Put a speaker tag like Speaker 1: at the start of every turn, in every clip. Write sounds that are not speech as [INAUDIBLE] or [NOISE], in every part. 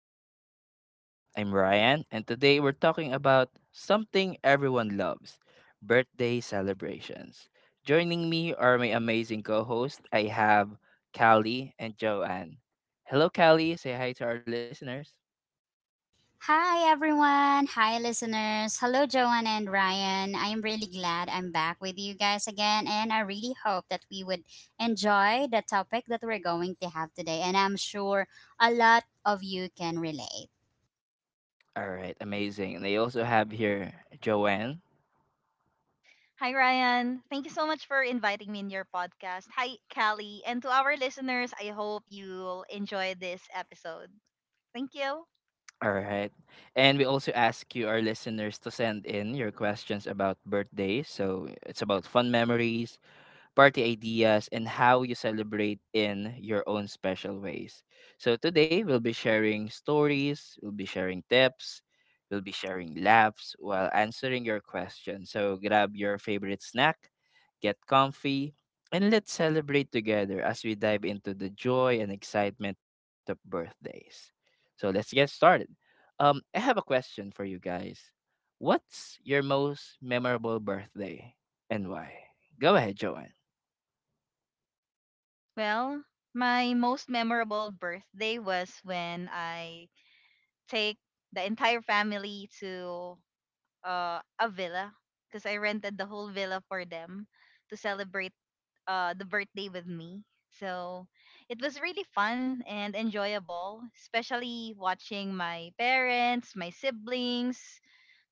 Speaker 1: back to the podcast. I'm Ryan, and today we're talking about something everyone loves, birthday celebrations. Joining me are my amazing co hosts. I have Callie and Joanne. Hello, Callie. Say hi to our listeners.
Speaker 2: Hi, everyone. Hi, listeners. Hello, Joanne and Ryan. I am really glad I'm back with you guys again, and I really hope that we would enjoy the topic that we're going to have today. And I'm sure a lot of you can relate.
Speaker 1: All right, amazing. And I also have here Joanne.
Speaker 3: Hi, Ryan. Thank you so much for inviting me in your podcast. Hi, Callie. And to our listeners, I hope you'll enjoy this episode. Thank you.
Speaker 1: All right. And we also ask you, our listeners, to send in your questions about birthdays. So it's about fun memories, party ideas, and how you celebrate in your own special ways. So today we'll be sharing stories, we'll be sharing tips, we'll be sharing laughs while answering your questions. So grab your favorite snack, get comfy, and let's celebrate together as we dive into the joy and excitement of birthdays. So let's get started. I have a question for you guys. What's your most memorable birthday and why? Go ahead, Joanne.
Speaker 3: Well, my most memorable birthday was when I take the entire family to a villa, because I rented the whole villa for them to celebrate the birthday with me. So it was really fun and enjoyable, especially watching my parents, my siblings,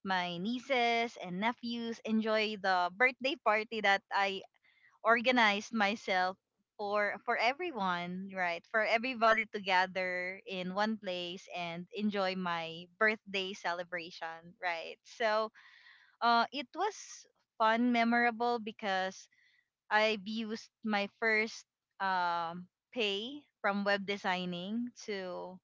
Speaker 3: my nieces, and nephews enjoy the birthday party that I organized myself for everyone, right, for everybody to gather in one place and enjoy my birthday celebration, right. So it was fun, memorable, because I've used my first pay from web designing to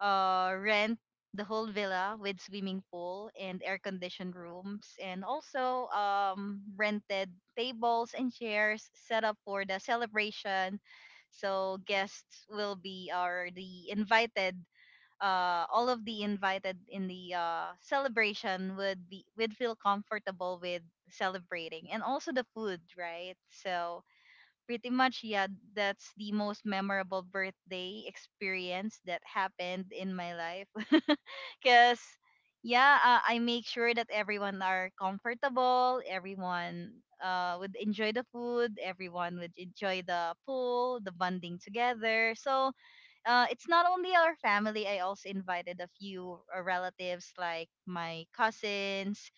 Speaker 3: rent the whole villa with swimming pool and air conditioned rooms, and also rented tables and chairs set up for the celebration. So guests will be, or the invited, all of the invited in the celebration would be, would feel comfortable with celebrating, and also the food, right. So pretty much, yeah, that's the most memorable birthday experience that happened in my life [LAUGHS] because, yeah, I make sure that everyone are comfortable, everyone would enjoy the food, everyone would enjoy the pool, the bonding together. So it's not only our family. I also invited a few relatives, like my cousins,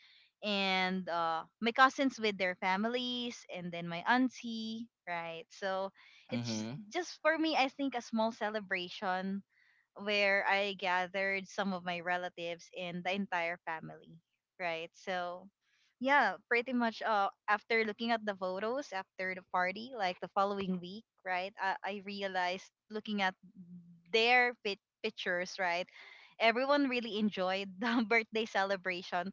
Speaker 3: and my cousins with their families, and then my auntie, right? So it's just,
Speaker 1: Mhm.
Speaker 3: just for me, I think, a small celebration where I gathered some of my relatives and the entire family, right? So, yeah, pretty much, after looking at the photos after the party, like the following week, right? I realized, looking at their pictures, right? Everyone really enjoyed the [LAUGHS] birthday celebration.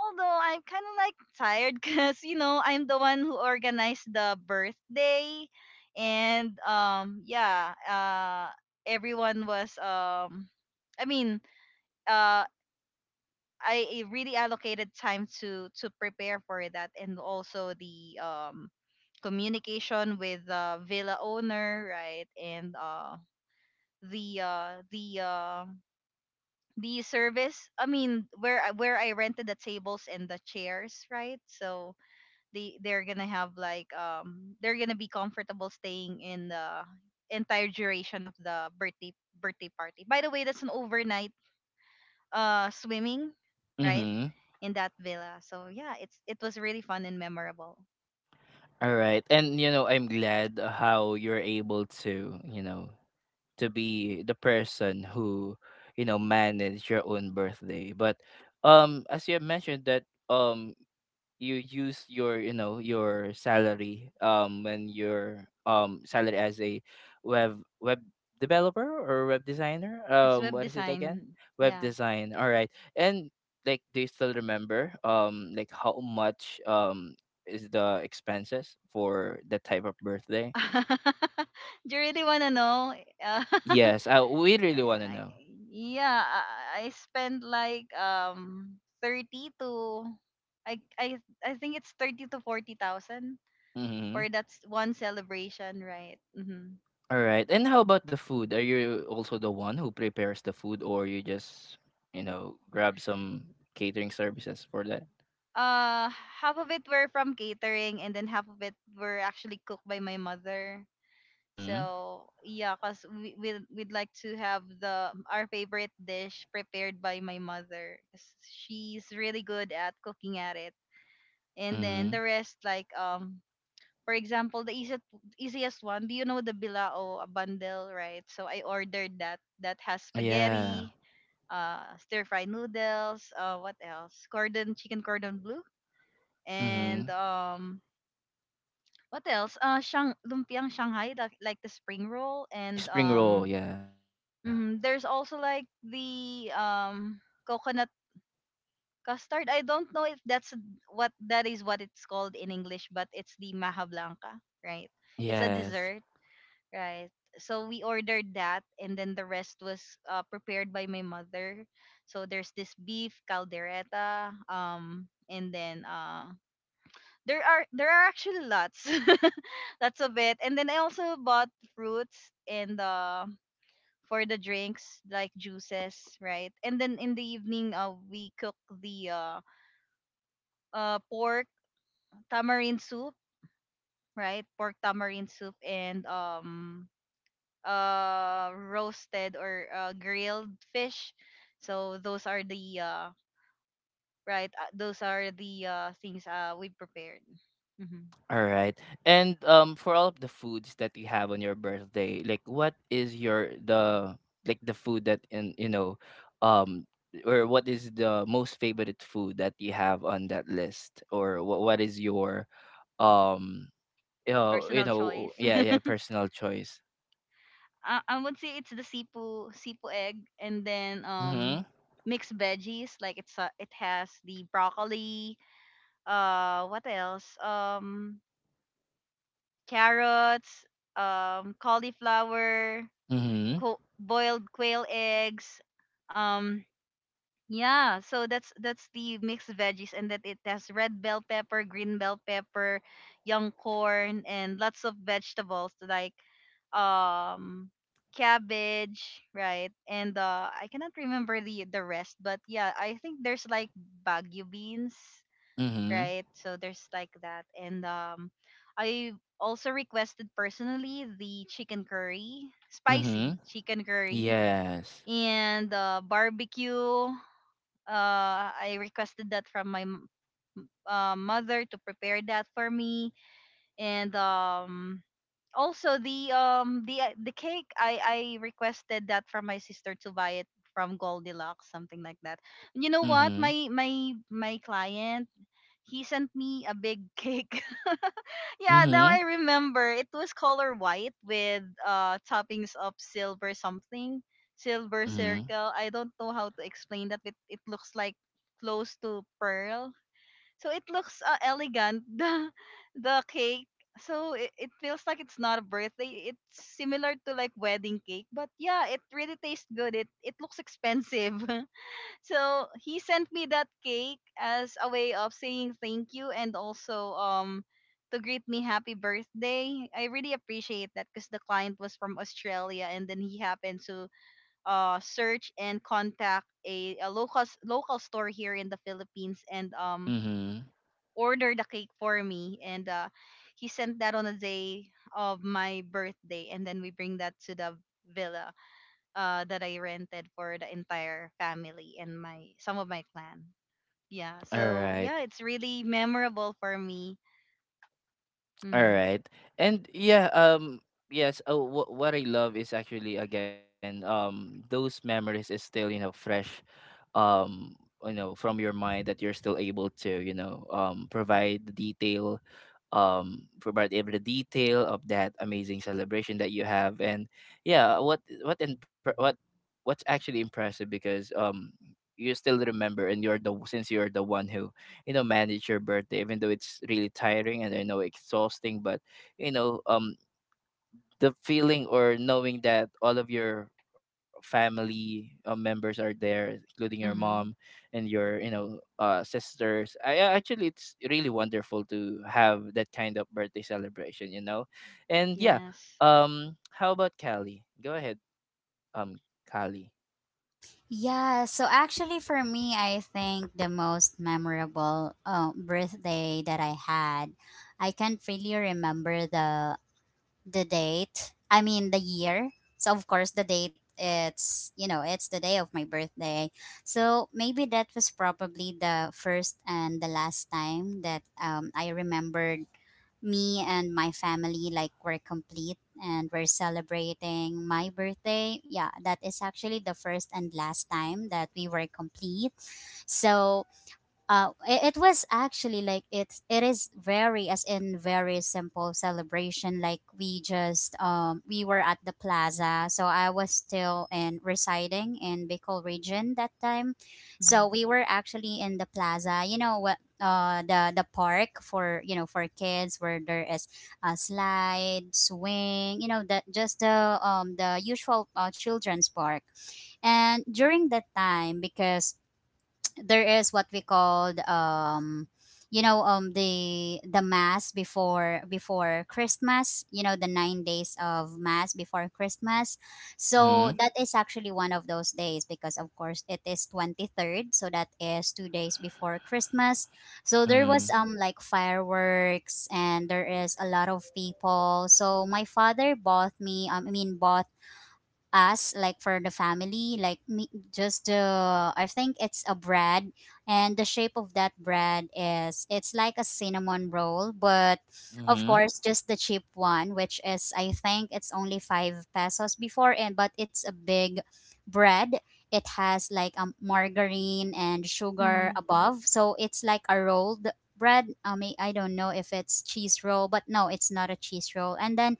Speaker 3: Although I'm kind of like tired [LAUGHS] because, I'm the one who organized the birthday. And yeah, everyone was, I mean, uh I really allocated time to prepare for that, and also the communication with the villa owner, right. And the uh the uh the service, I mean, where I rented the tables and the chairs, right. So they're gonna have like, they're gonna be comfortable staying in the entire duration of the birthday party. By the way, that's an overnight swimming, right?
Speaker 1: Mhm.
Speaker 3: In that villa. So yeah, it was really fun and memorable.
Speaker 1: Alright. And you know, I'm glad how you're able to, you know, to be the person who, you know, manage your own birthday. But as you have mentioned that um you use your, you know, your salary, when your salary as a web developer or web designer,
Speaker 3: It's web
Speaker 1: what is it again?
Speaker 3: design.
Speaker 1: Web
Speaker 3: Yeah.
Speaker 1: design, all right. And like, do you still remember, like how much is the expenses for that type of birthday?
Speaker 3: [LAUGHS] Do you really wanna know? Uh, [LAUGHS]
Speaker 1: Yes, I, we really
Speaker 3: I-
Speaker 1: want to know.
Speaker 3: I- yeah, I spent like 30 to, I I I think it's thirty to forty thousand
Speaker 1: Mm-hmm.
Speaker 3: for that one celebration, right? Mm-hmm.
Speaker 1: Alright, and how about the food? Are you also the one who prepares the food, or you just, you know, grab some catering services for that?
Speaker 3: Uh, half of it were from catering, and then half of it were actually cooked by my mother.
Speaker 1: Mhm.
Speaker 3: So yeah, cause we'd like to have the our favorite dish prepared by my mother. 'Cause she's really good at cooking at it. And
Speaker 1: Mhm.
Speaker 3: then the rest, like, for example, the easiest one. Do you know the bilao a bundle, right? So I ordered that. That has
Speaker 1: Yeah.
Speaker 3: spaghetti, stir fry noodles. What else? Cordon chicken cordon bleu,
Speaker 1: Mhm.
Speaker 3: and, what else? Shang Lumpiang Shanghai, like the spring roll, and
Speaker 1: Spring roll, yeah.
Speaker 3: there's also like the coconut custard. I don't know if that is what it's called in English, but it's the maha blanca, right? It's a
Speaker 1: Yes.
Speaker 3: dessert, right? So we ordered that, and then the rest was prepared by my mother. So there's this beef caldereta, and then, there are actually lots, [LAUGHS] lots of it. And then I also bought fruits, and, for the drinks, like juices, right? And then in the evening, we cook the, pork tamarind soup, right? Pork tamarind soup, and roasted or grilled fish. So those are the things we prepared. hmm
Speaker 1: All right. And for all of the foods that you have on your birthday, like what is your the, like the food that, in you know, um or what is the most favorite food that you have on that list? Or what is your, um you know, you
Speaker 3: Personal choice.
Speaker 1: know, yeah, yeah,
Speaker 3: [LAUGHS]
Speaker 1: personal choice.
Speaker 3: I would say it's the sipu sipu egg, and then
Speaker 1: Mhm.
Speaker 3: mixed veggies, like it has the broccoli, what else, carrots, cauliflower,
Speaker 1: Mhm.
Speaker 3: boiled quail eggs, um yeah. So that's the mixed veggies, and that it has red bell pepper, green bell pepper, young corn, and lots of vegetables, like um cabbage, right. And I cannot remember the rest, but yeah, I think there's like bagu beans,
Speaker 1: Mhm.
Speaker 3: right? So there's like that. And I also requested personally the chicken curry, spicy
Speaker 1: Mhm.
Speaker 3: chicken curry,
Speaker 1: Yes.
Speaker 3: and barbecue. I requested that from my mother to prepare that for me. And also the the cake, I requested that from my sister to buy it from Goldilocks, something like that. And you know what?
Speaker 1: Mhm.
Speaker 3: My client, he sent me a big [LAUGHS] cake. Yeah, now
Speaker 1: Mhm.
Speaker 3: I remember. It was color white with toppings of silver something, silver
Speaker 1: Mhm.
Speaker 3: circle. I don't know how to explain that, but it looks like close to pearl. So it looks elegant [LAUGHS] the cake. So it feels like it's not a birthday. It's similar to like wedding cake, but yeah, it really tastes good. It looks expensive. [LAUGHS] So he sent me that cake as a way of saying thank you, and also, to greet me happy birthday. I really appreciate that, because the client was from Australia, and then he happened to search and contact a local local store here in the Philippines, and
Speaker 1: Mhm.
Speaker 3: order the cake for me. And he sent that on the day of my birthday, and then we bring that to the villa that I rented for the entire family and my, some of my clan. Yeah,
Speaker 1: All
Speaker 3: so
Speaker 1: right.
Speaker 3: yeah, it's really memorable for me.
Speaker 1: All
Speaker 3: Mm-hmm.
Speaker 1: right. And yeah, um, yes, what I love is actually, again, those memories is still, you know, fresh, um you know, from your mind, that you're still able to, you know, provide the details, provide every detail of that amazing celebration that you have. And yeah, what what's actually impressive, because you still remember, and you're the, since you're the one who, you know, manage your birthday, even though it's really tiring, and I know exhausting. But you know, the feeling or knowing that all of your family members are there, including your mom
Speaker 3: Mm-hmm.
Speaker 1: and your, you know, sisters. I actually, it's really wonderful to have that kind of birthday celebration, you know. And yeah,
Speaker 3: Yes.
Speaker 1: how about Callie? Go ahead, um Callie.
Speaker 2: Yeah, so actually, for me, I think the most memorable birthday that I had, I can't really remember the date. I mean the year. So of course the date, it's, you know, it's the day of my birthday. So maybe that was probably the first and the last time that I remembered me and my family like were complete and we're celebrating my birthday. Yeah, that is actually the first and last time that we were complete. So it was actually like it's it is very, as in very simple celebration. Like we just we were at the plaza. So I was still in residing in Bicol region that time.
Speaker 3: Mm-hmm.
Speaker 2: So we were actually in the plaza, you know what, the park for, you know, for kids where there is a slide, swing, you know, that just the usual children's park. And during that time, because there is what we called, you know, the mass before Christmas, you know, the 9 days of mass before Christmas. So
Speaker 1: Mm-hmm.
Speaker 2: that is actually one of those days because of course it is 23rd, so that is 2 days before Christmas. So there was
Speaker 1: Mm-hmm.
Speaker 2: like fireworks and there is a lot of people. So my father bought me bought us, like for the family, like me just the, I think it's a bread. And the shape of that bread is it's like a cinnamon roll, but of
Speaker 1: Mm-hmm.
Speaker 2: course just the cheap one, which is, I think it's only five pesos before, and but it's a big bread. It has like a margarine and sugar
Speaker 3: Mm-hmm.
Speaker 2: above, so it's like a rolled bread. I mean I don't know if it's cheese roll, but no it's not a cheese roll. And then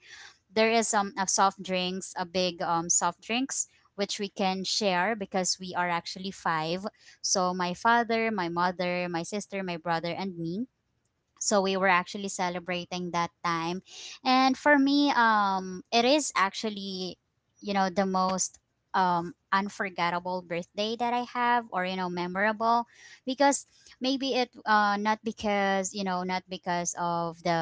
Speaker 2: there is a soft drinks, a big soft drinks which we can share because we are actually five. So my father, my mother, my sister, my brother, and me, so we were actually celebrating that time. And for me, it is actually, you know, the most unforgettable birthday that I have, or, you know, memorable. Because maybe it, not because, you know, not because of the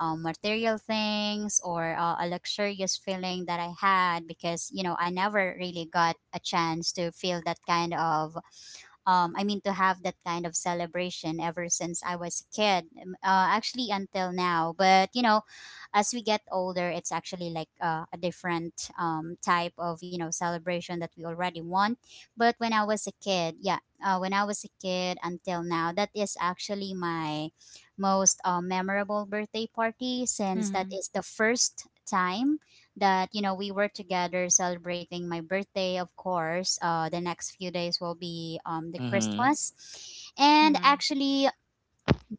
Speaker 2: material things or a luxurious feeling that I had. Because, you know, I never really got a chance to feel that kind of I mean, to have that kind of celebration ever since I was a kid, actually until now. But, you know, as we get older, it's actually like a different type of, you know, celebration that we already want. But when I was a kid, yeah, when I was a kid until now, that is actually my most memorable birthday party, since that
Speaker 3: Mm-hmm.
Speaker 2: is the first time that, you know, we were together celebrating my birthday. Of course the next few days will be the
Speaker 1: Mm-hmm.
Speaker 2: Christmas. And
Speaker 3: Mm-hmm.
Speaker 2: actually,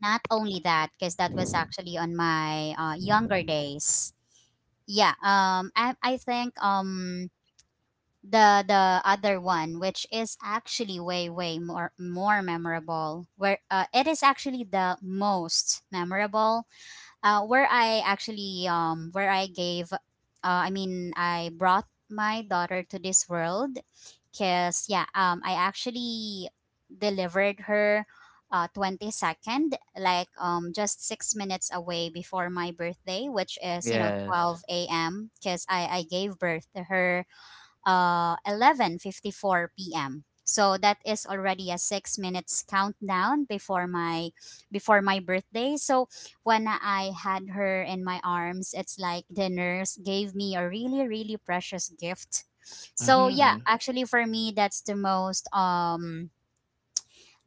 Speaker 2: not only that, because that was actually on my younger days. Yeah, I think the other one, which is actually way more memorable, where it is actually the most memorable, where I actually where I gave I brought my daughter to this world. Because, yeah, I actually delivered her 22nd, like just 6 minutes away before my birthday, which is, you know,
Speaker 1: Yes.
Speaker 2: 12 a.m., because I gave birth to her 11:54 p.m. So that is already a 6 minutes countdown before my birthday. So when I had her in my arms, it's like the nurse gave me a really precious gift. So yeah,
Speaker 1: Mm-hmm.
Speaker 2: actually for me that's the most,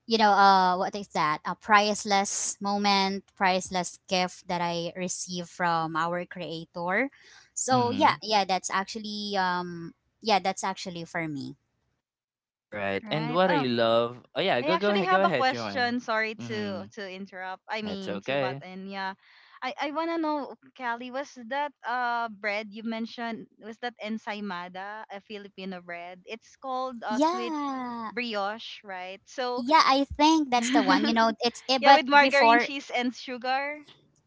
Speaker 2: you know, what is that? A priceless moment, priceless gift that I received from our creator. So yeah,
Speaker 1: Mm-hmm.
Speaker 2: yeah, that's actually for me.
Speaker 1: All right, and
Speaker 3: Right.
Speaker 1: what I
Speaker 3: Oh,
Speaker 1: love. Oh yeah,
Speaker 3: I
Speaker 1: go go
Speaker 3: actually
Speaker 1: ahead go
Speaker 3: have a
Speaker 1: ahead Joanne.
Speaker 3: question. Sorry
Speaker 1: Mm-hmm.
Speaker 3: to interrupt. I
Speaker 1: That's
Speaker 3: mean, to butt
Speaker 1: okay.
Speaker 3: in. Yeah, I wanna know, Callie, was that bread you mentioned? Was that ensaymada, a Filipino bread? It's called sweet
Speaker 2: Yeah,
Speaker 3: brioche, right? So
Speaker 2: yeah, I think that's the one. You know, it's eh,
Speaker 3: [LAUGHS] Yeah,
Speaker 2: but
Speaker 3: with margarine,
Speaker 2: before,
Speaker 3: cheese, and sugar.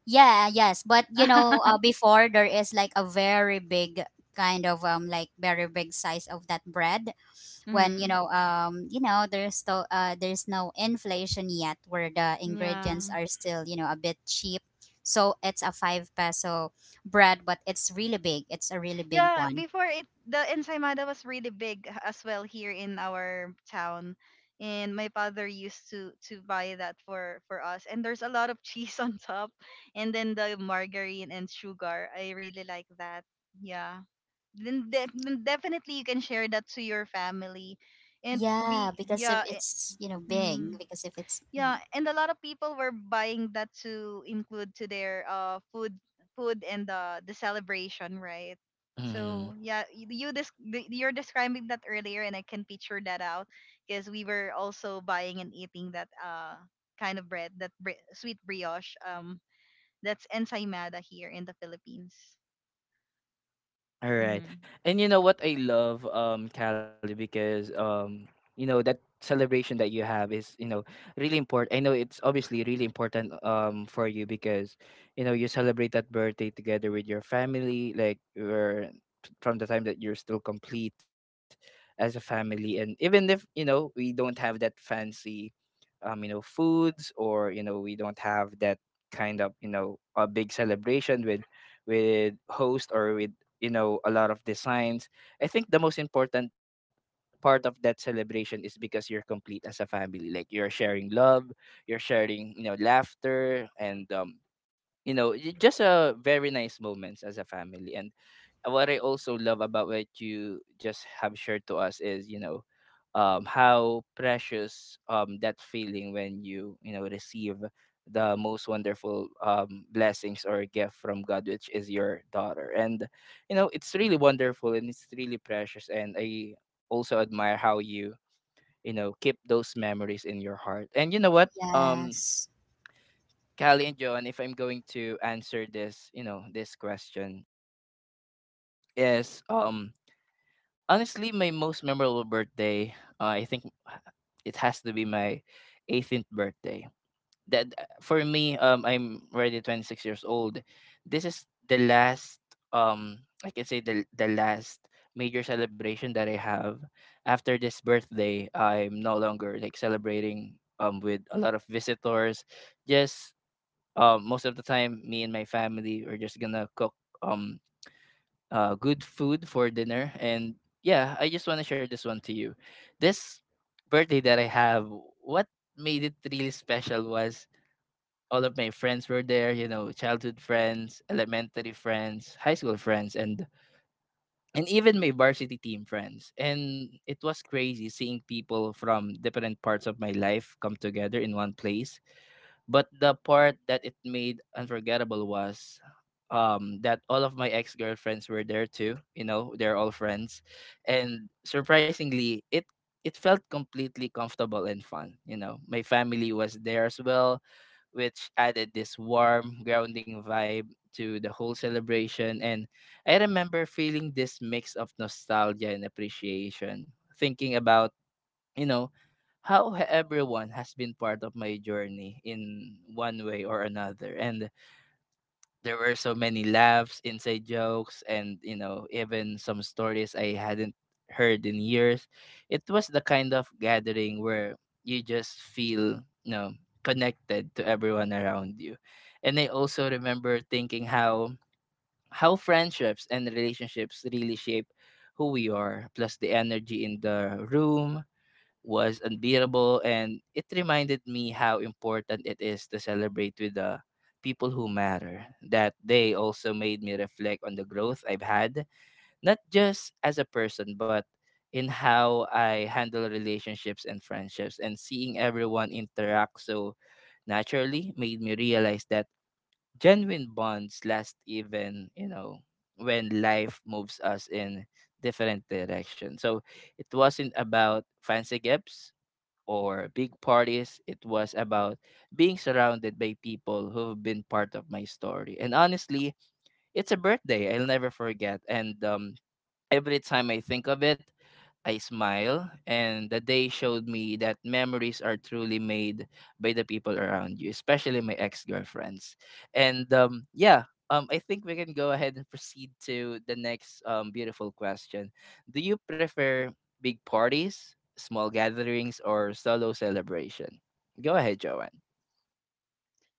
Speaker 2: yeah, yes, but you know,
Speaker 3: [LAUGHS]
Speaker 2: before there is like a very big kind of like very big size of that bread. When, you
Speaker 3: Mm,
Speaker 2: know, you know there's still there's no inflation yet, where the
Speaker 3: yeah.
Speaker 2: ingredients are still, you know, a bit cheap. So it's a five peso bread, but it's really big. It's a really big
Speaker 3: Yeah,
Speaker 2: one.
Speaker 3: before it, the ensaymada was really big as well here in our town. And my father used to buy that for us. And there's a lot of [LAUGHS] cheese on top, and then the margarine and sugar. I really like that. Yeah. Then, then definitely you can share that to your family. And
Speaker 2: Yeah,
Speaker 3: we,
Speaker 2: because if
Speaker 3: yeah. It,
Speaker 2: it's, you know, big, because if it's big,
Speaker 3: yeah, and a lot of people were buying that to include to their food, and the celebration, right? So
Speaker 1: Mhm.
Speaker 3: yeah, you're describing that earlier, and I can picture that out, because we were also buying and eating that kind of bread, that sweet brioche. That's ensaymada here in the Philippines.
Speaker 1: Alright.
Speaker 3: Mm-hmm.
Speaker 1: And you know what I love, Callie, because, you know, that celebration that you have is, you know, really important. I know it's obviously really important for you because, you know, you celebrate that birthday together with your family, like you're from the time that you're still complete as a family. And even if, you know, we don't have that fancy, you know, foods, or, you know, we don't have that kind of, you know, a big celebration with host, or with, you know, a lot of designs. I think the most important part of that celebration is because you're complete as a family. Like you're sharing love, you're sharing, you know, laughter, and you know, just a very nice moments as a family. And what I also love about what you just have shared to us is, you know, how precious, that feeling when you know, receive the most wonderful, blessings or gift from God, which is your daughter. And, you know, it's really wonderful and it's really precious. And I also admire how you, you know, keep those memories in your heart. And you know what?
Speaker 2: yes.
Speaker 1: Callie and John, if I'm going to answer this, you know, this question is, honestly, my most memorable birthday, I think it has to be my 18th birthday. That for me, I'm already 26 years old. This is the last, I can say the last major celebration that I have. After this birthday, I'm no longer like celebrating with a lot of visitors. Just most of the time, me and my family are just gonna cook. Um, good food for dinner. And yeah, I just want to share this one to you. This birthday that I have, what made it really special was all of my friends were there, you know, childhood friends, elementary friends, high school friends, and even my varsity team friends. And it was crazy seeing people from different parts of my life come together in one place. But the part that it made unforgettable was that all of my ex-girlfriends were there too, you know, they're all friends. And surprisingly, it felt completely comfortable and fun, you know. My family was there as well, which added this warm, grounding vibe to the whole celebration. And I remember feeling this mix of nostalgia and appreciation, thinking about, you know, how everyone has been part of my journey in one way or another. And there were so many laughs, inside jokes, and you know, even some stories I hadn't heard in years. It was the kind of gathering where you just feel, you know, connected to everyone around you. And I also remember thinking how friendships and relationships really shape who we are. Plus, the energy in the room was unbearable, and it reminded me how important it is to celebrate with the people who matter. That day also made me reflect on the growth I've had, not just as a person, but in how I handle relationships and friendships. And seeing everyone interact so naturally made me realize that genuine bonds last even, you know, when life moves us in different directions. So it wasn't about fancy gifts or big parties. It was about being surrounded by people who've been part of my story. And honestly, it's a birthday I'll never forget. And every time I think of it, I smile, and the day showed me that memories are truly made by the people around you, especially my ex girlfriends. And yeah, I think we can go ahead and proceed to the next, beautiful question. Do you prefer big parties, small gatherings, or solo celebration? Go ahead, Joanne.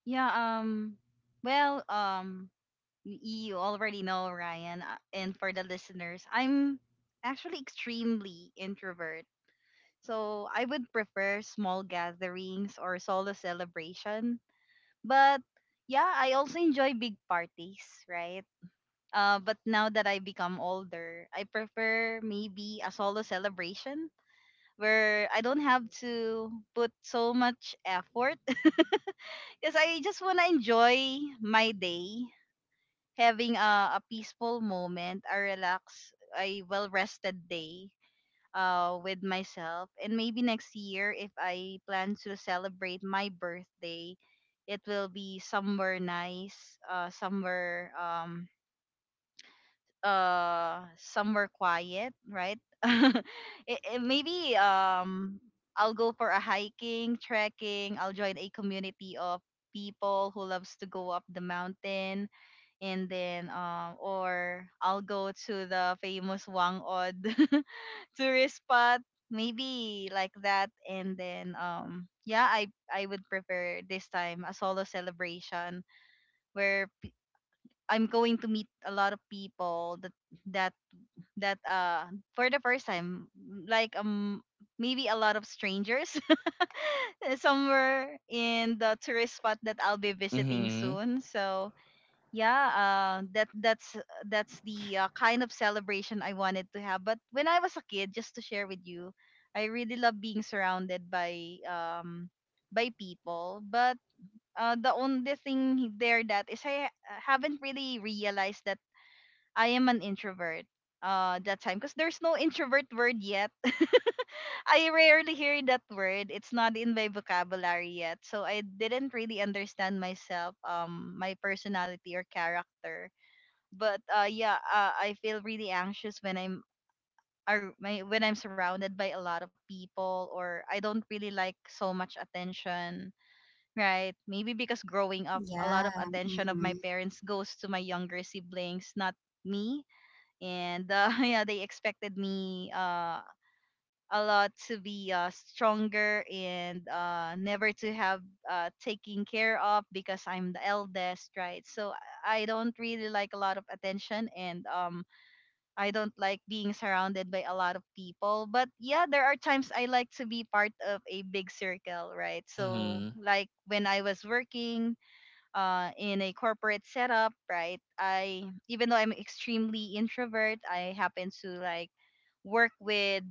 Speaker 3: Yeah. Well. You already know, Ryan, and for the listeners, I'm actually extremely introvert. So I would prefer small gatherings or solo celebration. But yeah, I also enjoy big parties, right? But now that I become older, I prefer maybe a solo celebration where I don't have to put so much effort [LAUGHS] because I just want to enjoy my day, having a peaceful moment, a relaxed, a well rested day with myself. And maybe next year, if I plan to celebrate my birthday, it will be somewhere nice, somewhere, somewhere quiet, right? [LAUGHS] Maybe I'll go for a hiking, trekking. I'll join a community of people who loves to go up the mountain, and then or I'll go to the famous Wangod [LAUGHS] tourist spot, maybe like that. And then um yeah I I would prefer this time a solo celebration where I'm going to meet a lot of people that that for the first time, like um maybe a lot of strangers [LAUGHS] somewhere in the tourist spot that I'll be visiting
Speaker 1: Mhm.
Speaker 3: soon. So yeah. uh, that that's that's the kind of celebration I wanted to have. But when I was a kid, just to share with you, I really love being surrounded by people. But the only thing there that is I haven't really realized that I am an introvert that time because there's no introvert word yet. [LAUGHS] I rarely hear that word, it's not in my vocabulary yet, so I didn't really understand myself, my personality or character. But I feel really anxious when I'm surrounded by a lot of people, or I don't really like so much attention, right? Maybe because growing up, a lot
Speaker 2: Yeah.
Speaker 3: of attention of my
Speaker 2: Hmm.
Speaker 3: parents goes to my younger siblings, not me. And [LAUGHS] yeah, they expected me a lot to be stronger and never to have taking care of because I'm the eldest, right? So I don't really like a lot of attention, and I don't like being surrounded by a lot of people. But yeah, there are times I like to be part of a big circle, right? So
Speaker 1: Mhm.
Speaker 3: like when I was working in a corporate setup, right? I, even though I'm extremely introvert, I happen to like work with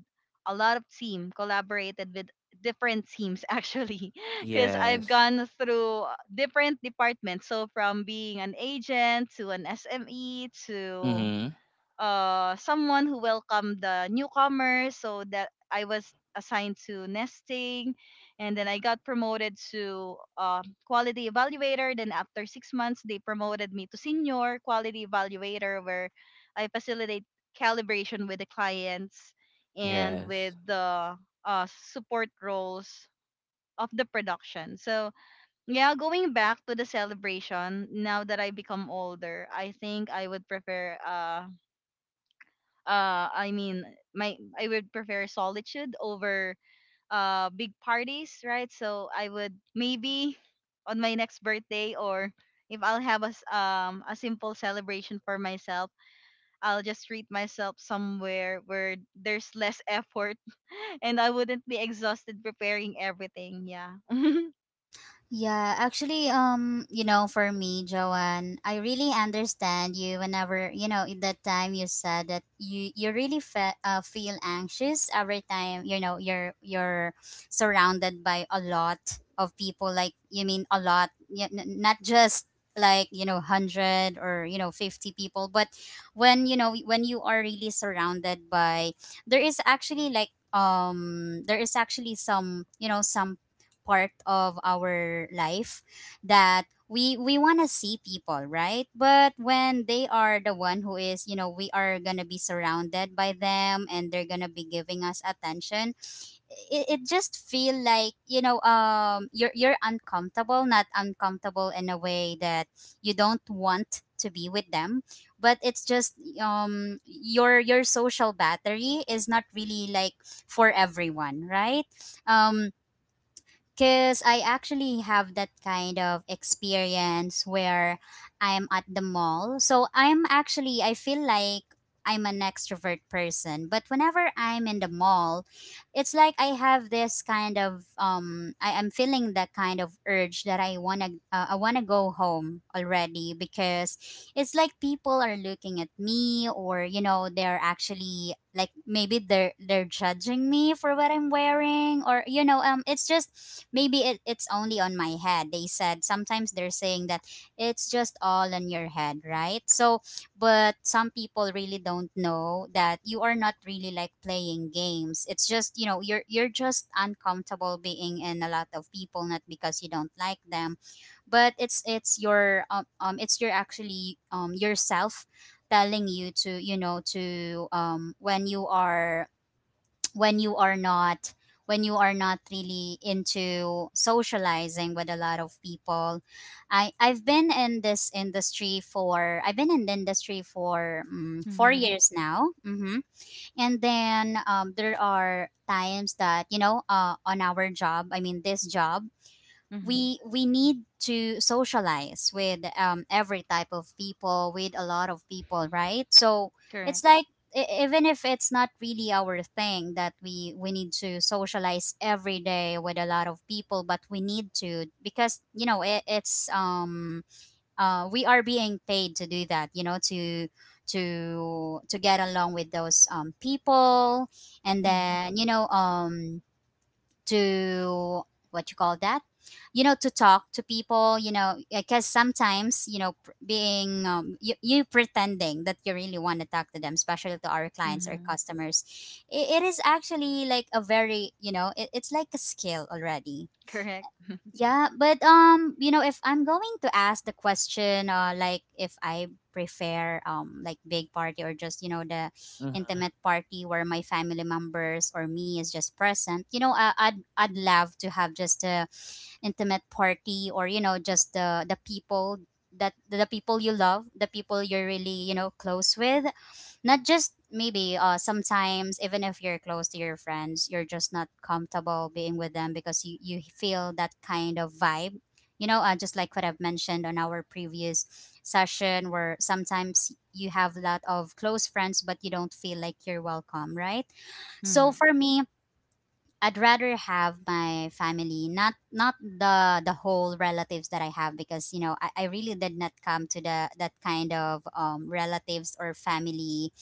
Speaker 3: a lot of team, collaborated with different teams [LAUGHS] actually, because I've
Speaker 1: Yes.
Speaker 3: gone through different departments. So from being an agent to an SME to
Speaker 1: Mhm.
Speaker 3: someone who welcomed the newcomers, so that I was assigned to nesting, and then I got promoted to quality evaluator, then after 6 months they promoted me to senior quality evaluator, where I facilitate calibration with the clients and
Speaker 1: Yes.
Speaker 3: with the support roles of the production. So yeah, going back to the celebration, now that I become older, I think I would prefer a I mean my I would prefer solitude over big parties, right? So I would maybe on my next birthday, or if I'll have a a simple celebration for myself, I'll just treat myself somewhere where there's less effort [LAUGHS] and I wouldn't be exhausted preparing everything. Yeah. [LAUGHS]
Speaker 2: Yeah, actually, you know, for me, Joanne, I really understand you whenever, you know, in that time you said that you really feel anxious every time, you know, you're surrounded by a lot of people, like you mean a lot, yeah, not just like, you know, 100 or, you know, 50 people. But when, you know, when you are really surrounded by, there is actually like, there is actually some, you know, some part of our life that we want to see people, right. But when they are the one who is, you know, we are gonna be surrounded by them and they're gonna be giving us attention, it just feel like, you know, you're uncomfortable, not uncomfortable in a way that you don't want to be with them, but it's just your social battery is not really like for everyone, right. um because I actually have that kind of experience where I'm at the mall. So I'm actually, I feel like I'm an extrovert person. But whenever I'm in the mall, it's like I have this kind of I am feeling that kind of urge that I wanna, I wanna go home already, because it's like people are looking at me, or, you know, they're actually like, maybe they're judging me for what I'm wearing, or, you know, it's just maybe, it's only on my head. They said sometimes they're saying that it's just all on your head, right. So but some people really don't know that you are not really like playing games. It's just, you know, you're just uncomfortable being in a lot of people, not because you don't like them. But it's, it's your actually yourself telling you to, you know, to when you are, when you are not, when you are not really into socializing with a lot of people. I've been in the industry for four
Speaker 3: Mm-hmm.
Speaker 2: years now. Hmm. And then, there are times that, you know, on our job, I mean this job,
Speaker 3: Hmm.
Speaker 2: we need to socialize with, every type of people, with a lot of people, right. So it's
Speaker 3: Correct.
Speaker 2: like, even if it's not really our thing, that we need to socialize every day with a lot of people, but we need to, because, you know, it's we are being paid to do that, you know, to get along with those people. And
Speaker 3: Mm-hmm.
Speaker 2: then, you know, to what you call that, you know, to talk to people, you know, because sometimes, you know, being, you pretending that you really want to talk to them, especially to our clients or
Speaker 3: Hmm.
Speaker 2: customers. It is actually like a very, you know, it, it's like a skill already.
Speaker 3: Correct.
Speaker 2: Yeah. But, you know, if I'm going to ask the question, like if I prefer, like big party or just, you know, the
Speaker 1: Mhm.
Speaker 2: intimate party where my family members or me is just present, you know, I'd love to have just a intimate party, or, you know, just the people that, the people you love, the people you're really, you know, close with. Not just, maybe, sometimes even if you're close to your friends, you're just not comfortable being with them, because you feel that kind of vibe, you know. Just like what I've mentioned on our previous session, where sometimes you have a lot of close friends but you don't feel like you're welcome, right. So
Speaker 3: Mm-hmm.
Speaker 2: for me, I'd rather have my family, not the the whole relatives that I have, because, you know, I really did not come to the that kind of relatives or family,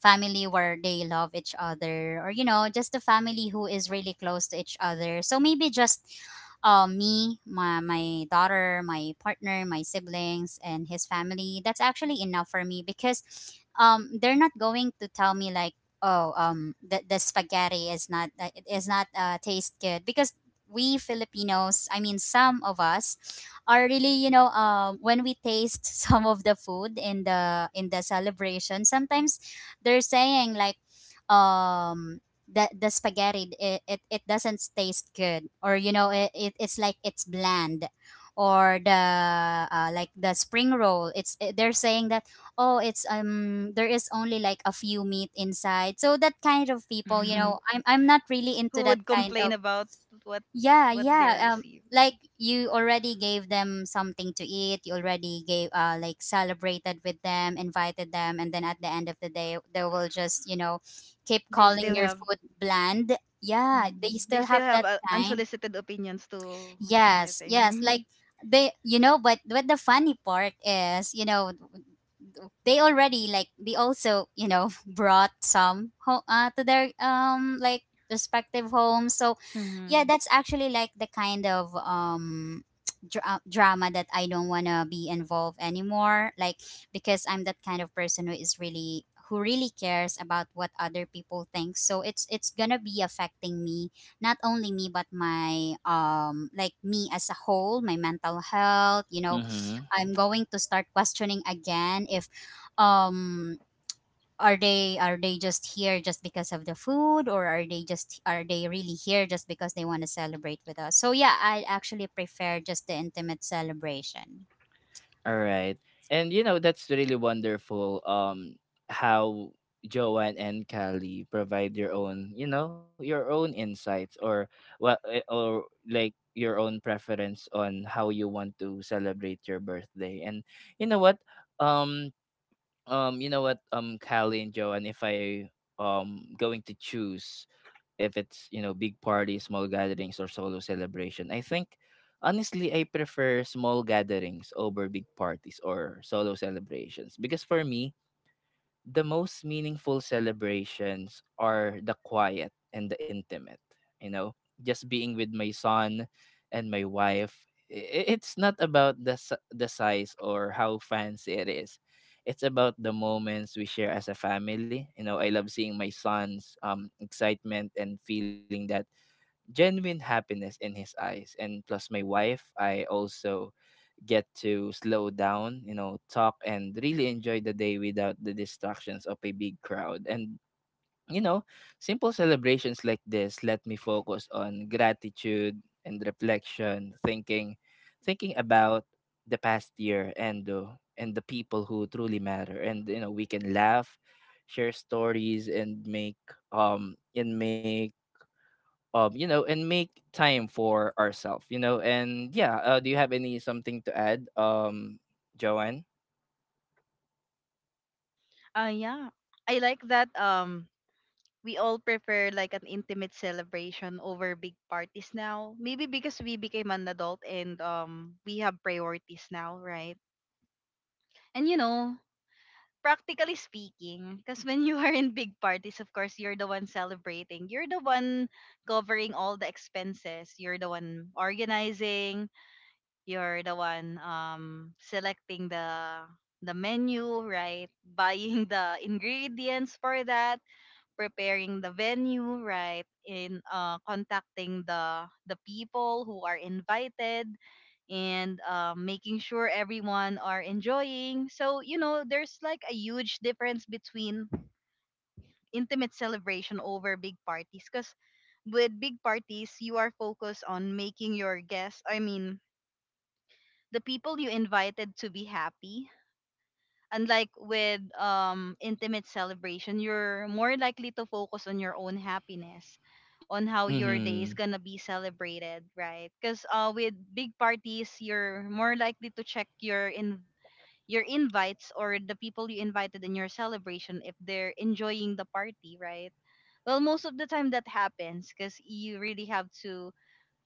Speaker 2: family where they love each other, or, you know, just a family who is really close to each other. So maybe just me, my daughter, my partner, my siblings, and his family. That's actually enough for me because they're not going to tell me like, oh, the spaghetti is not it is not taste good, because we Filipinos, I mean some of us are really, you know, when we taste [LAUGHS] some of the food in the celebration, sometimes they're saying like, um the spaghetti it doesn't taste good, or you know it it's like it's bland, or the like the spring roll, it's they're saying that, oh, it's there is only like a few meat inside. So that kind of people, you know,
Speaker 3: [LAUGHS]
Speaker 2: I'm not really into
Speaker 3: Who
Speaker 2: that
Speaker 3: would
Speaker 2: kind of.
Speaker 3: complain about what
Speaker 2: Yeah,
Speaker 3: what they
Speaker 2: yeah,
Speaker 3: receive?
Speaker 2: like you already gave them something to eat, you already gave like celebrated with them, invited them, and then at the end of the day they will just, you know, keep
Speaker 3: They
Speaker 2: calling
Speaker 3: still
Speaker 2: your
Speaker 3: have,
Speaker 2: food bland. Yeah, they
Speaker 3: mm, they
Speaker 2: still have
Speaker 3: still have
Speaker 2: that kind.
Speaker 3: unsolicited opinions to
Speaker 2: Yes, yes. Like
Speaker 3: anything. [LAUGHS]
Speaker 2: they, you know, but the funny part is, you know, they already like, they also, you know, [LAUGHS] brought some to their like respective homes. So
Speaker 3: Mm-hmm.
Speaker 2: yeah, that's actually like the kind of [TSK] drama that I don't want to be involved anymore, like, because I'm that kind of person who is really, who really cares about what other people think, so it's going to be affecting me, not only me but my like me as a whole, my mental health, you know.
Speaker 1: Mhm.
Speaker 2: I'm going to start questioning again if um are they just here just because of the food, or are they just, are they really here just because they want to celebrate with us. So yeah, I actually prefer just the intimate celebration.
Speaker 1: All right. And you know, that's really wonderful, how Joanne and Callie provide your own, you know, your own insights, or what, eh, or like your own preference on how you want to celebrate your birthday. And you know what? Um you know what, um, Callie and Joanne, if I, um, going to choose if it's, you know, big parties, small gatherings, or solo celebration, I think honestly I prefer small gatherings over big parties or solo celebrations, because for me, the most meaningful celebrations are the quiet and the intimate, you know, just being with my son and my wife. It's not about the the size or how fancy it is. It's about the moments we share as a family. You know, I love seeing my son's, um, excitement and feeling that genuine happiness in his eyes. And plus, my wife, I also get to slow down, you know, talk and really enjoy the day without the distractions of a big crowd. And, you know, simple celebrations like this let me focus on gratitude and reflection, thinking about the past year and the people who truly matter. And you know, we can laugh, share stories, and make, and make, um, you know, and make time for ourselves, you know. And yeah, do you have any something to add, um, Joanne?
Speaker 3: Yeah. I like that we all prefer like an intimate celebration over big parties now. Maybe because we became an adult and we have priorities now, right? And you know, practically speaking, because when you [LAUGHS] are in big parties, of course, you're the one celebrating. You're the one covering all the expenses. You're the one organizing, you're the one selecting the menu, right? [LAUGHS] Buying the ingredients for that, preparing the venue, right? In contacting the people who are invited, and making sure everyone are enjoying. So, you know, there's like a huge difference between intimate celebration over big parties, because with big parties, you are focused on making your guests, I mean, the people you invited, to be happy. Unlike with intimate celebration, you're more likely to focus on your own happiness, on how
Speaker 1: Mm-hmm.
Speaker 3: your day is gonna be celebrated, right? Because with big parties, you're more likely to check your invites or the people you invited in your celebration if they're enjoying the party, right? Well, most of the time that happens because you really have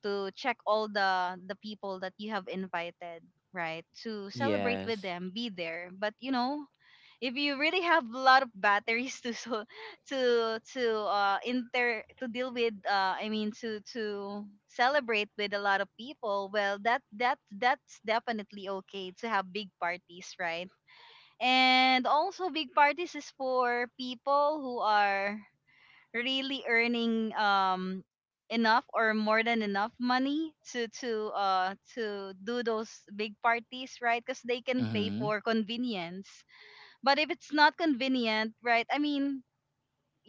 Speaker 3: to check all the people that you have invited, right, to celebrate with
Speaker 1: Yes.
Speaker 3: them, be there. But you know, if you really have a lot of batteries [LAUGHS] to deal with, to celebrate with a lot of people, well that's definitely okay to have big parties, right? And also big parties is for people who are really earning enough or more than enough money to to do those big parties, right? Because they can pay
Speaker 1: Mm-hmm.
Speaker 3: for convenience. But if it's not convenient, right, I mean,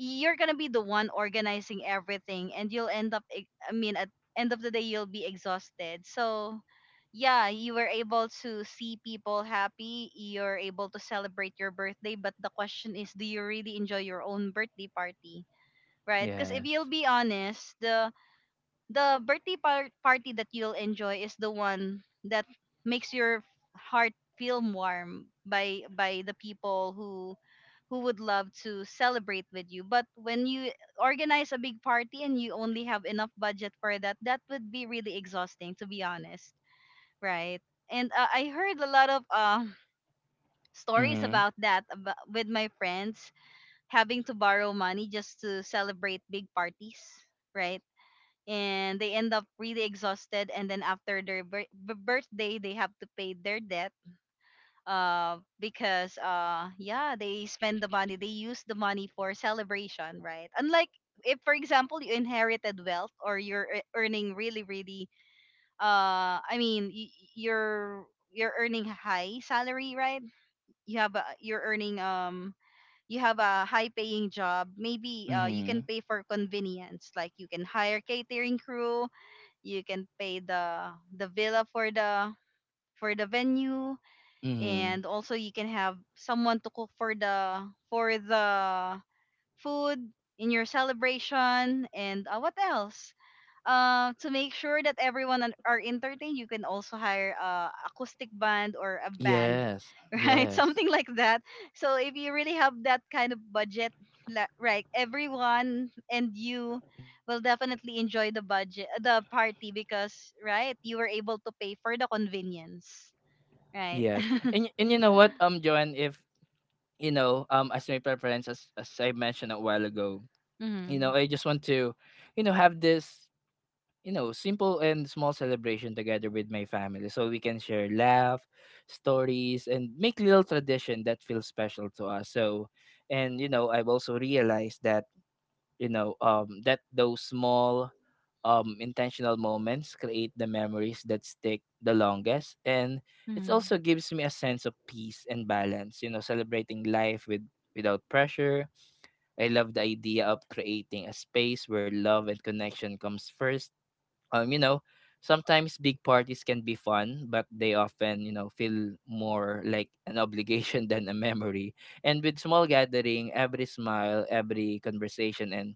Speaker 3: you're gonna be the one organizing everything and you'll end up at end of the day you'll be exhausted. So yeah, you were able to see people happy, you're able to celebrate your birthday, but the question is, do you really enjoy your own birthday party, right? Because if
Speaker 1: Yes.
Speaker 3: you'll be honest, the the birthday party that you'll enjoy is the one that makes your heart feel warm by the people who would love to celebrate with you. But when you organize a big party and you only have enough budget for that, that would be really exhausting, to be honest, right? And I heard a lot of [LAUGHS] stories
Speaker 1: Mm-hmm.
Speaker 3: about that, about, with my friends having to borrow money just to celebrate big parties, right? And they end up really exhausted, and then after their birthday they have to pay their debt, because yeah, they spend the money, they use the money for celebration, right? Unlike if for example you inherited wealth, or you're earning really really uh i mean y- y- you're you're earning high salary, right? You have a you have a high paying job. Maybe you can
Speaker 1: Mm-hmm.
Speaker 3: pay for convenience, like you can hire catering crew, you can pay the villa for the venue,
Speaker 1: Mm-hmm.
Speaker 3: and also you can have someone to cook for the food in your celebration. And what else? To make sure that everyone are entertained, you can also hire a acoustic band or a band,
Speaker 1: Yes.
Speaker 3: [LAUGHS] right?
Speaker 1: Yes.
Speaker 3: Something like that. So if you really have that kind of budget, right, everyone and you will definitely enjoy the budget, the party, because, right, you were able to pay for the convenience,
Speaker 1: Yes.
Speaker 3: right?
Speaker 1: And
Speaker 3: [LAUGHS]
Speaker 1: and you know what, um, Joanne, if you know, um, as my preference, as I mentioned a while ago, you
Speaker 3: Mm-hmm.
Speaker 1: know, I just want to, you know, have this, you know, simple and small celebration together with my family, so we can share laugh, stories, and make little tradition that feels special to us. So, and you know, I've also realized that, you know, that those small, intentional moments create the memories that stick the longest. And it
Speaker 3: Mm-hmm.
Speaker 1: also gives me a sense of peace and balance, you know, celebrating life with without pressure. I love the idea of creating a space where love and connection comes first um, you know, Sometimes big parties can be fun, but they often feel more like an [LAUGHS] obligation than a memory. And with small gathering, every smile, every conversation, and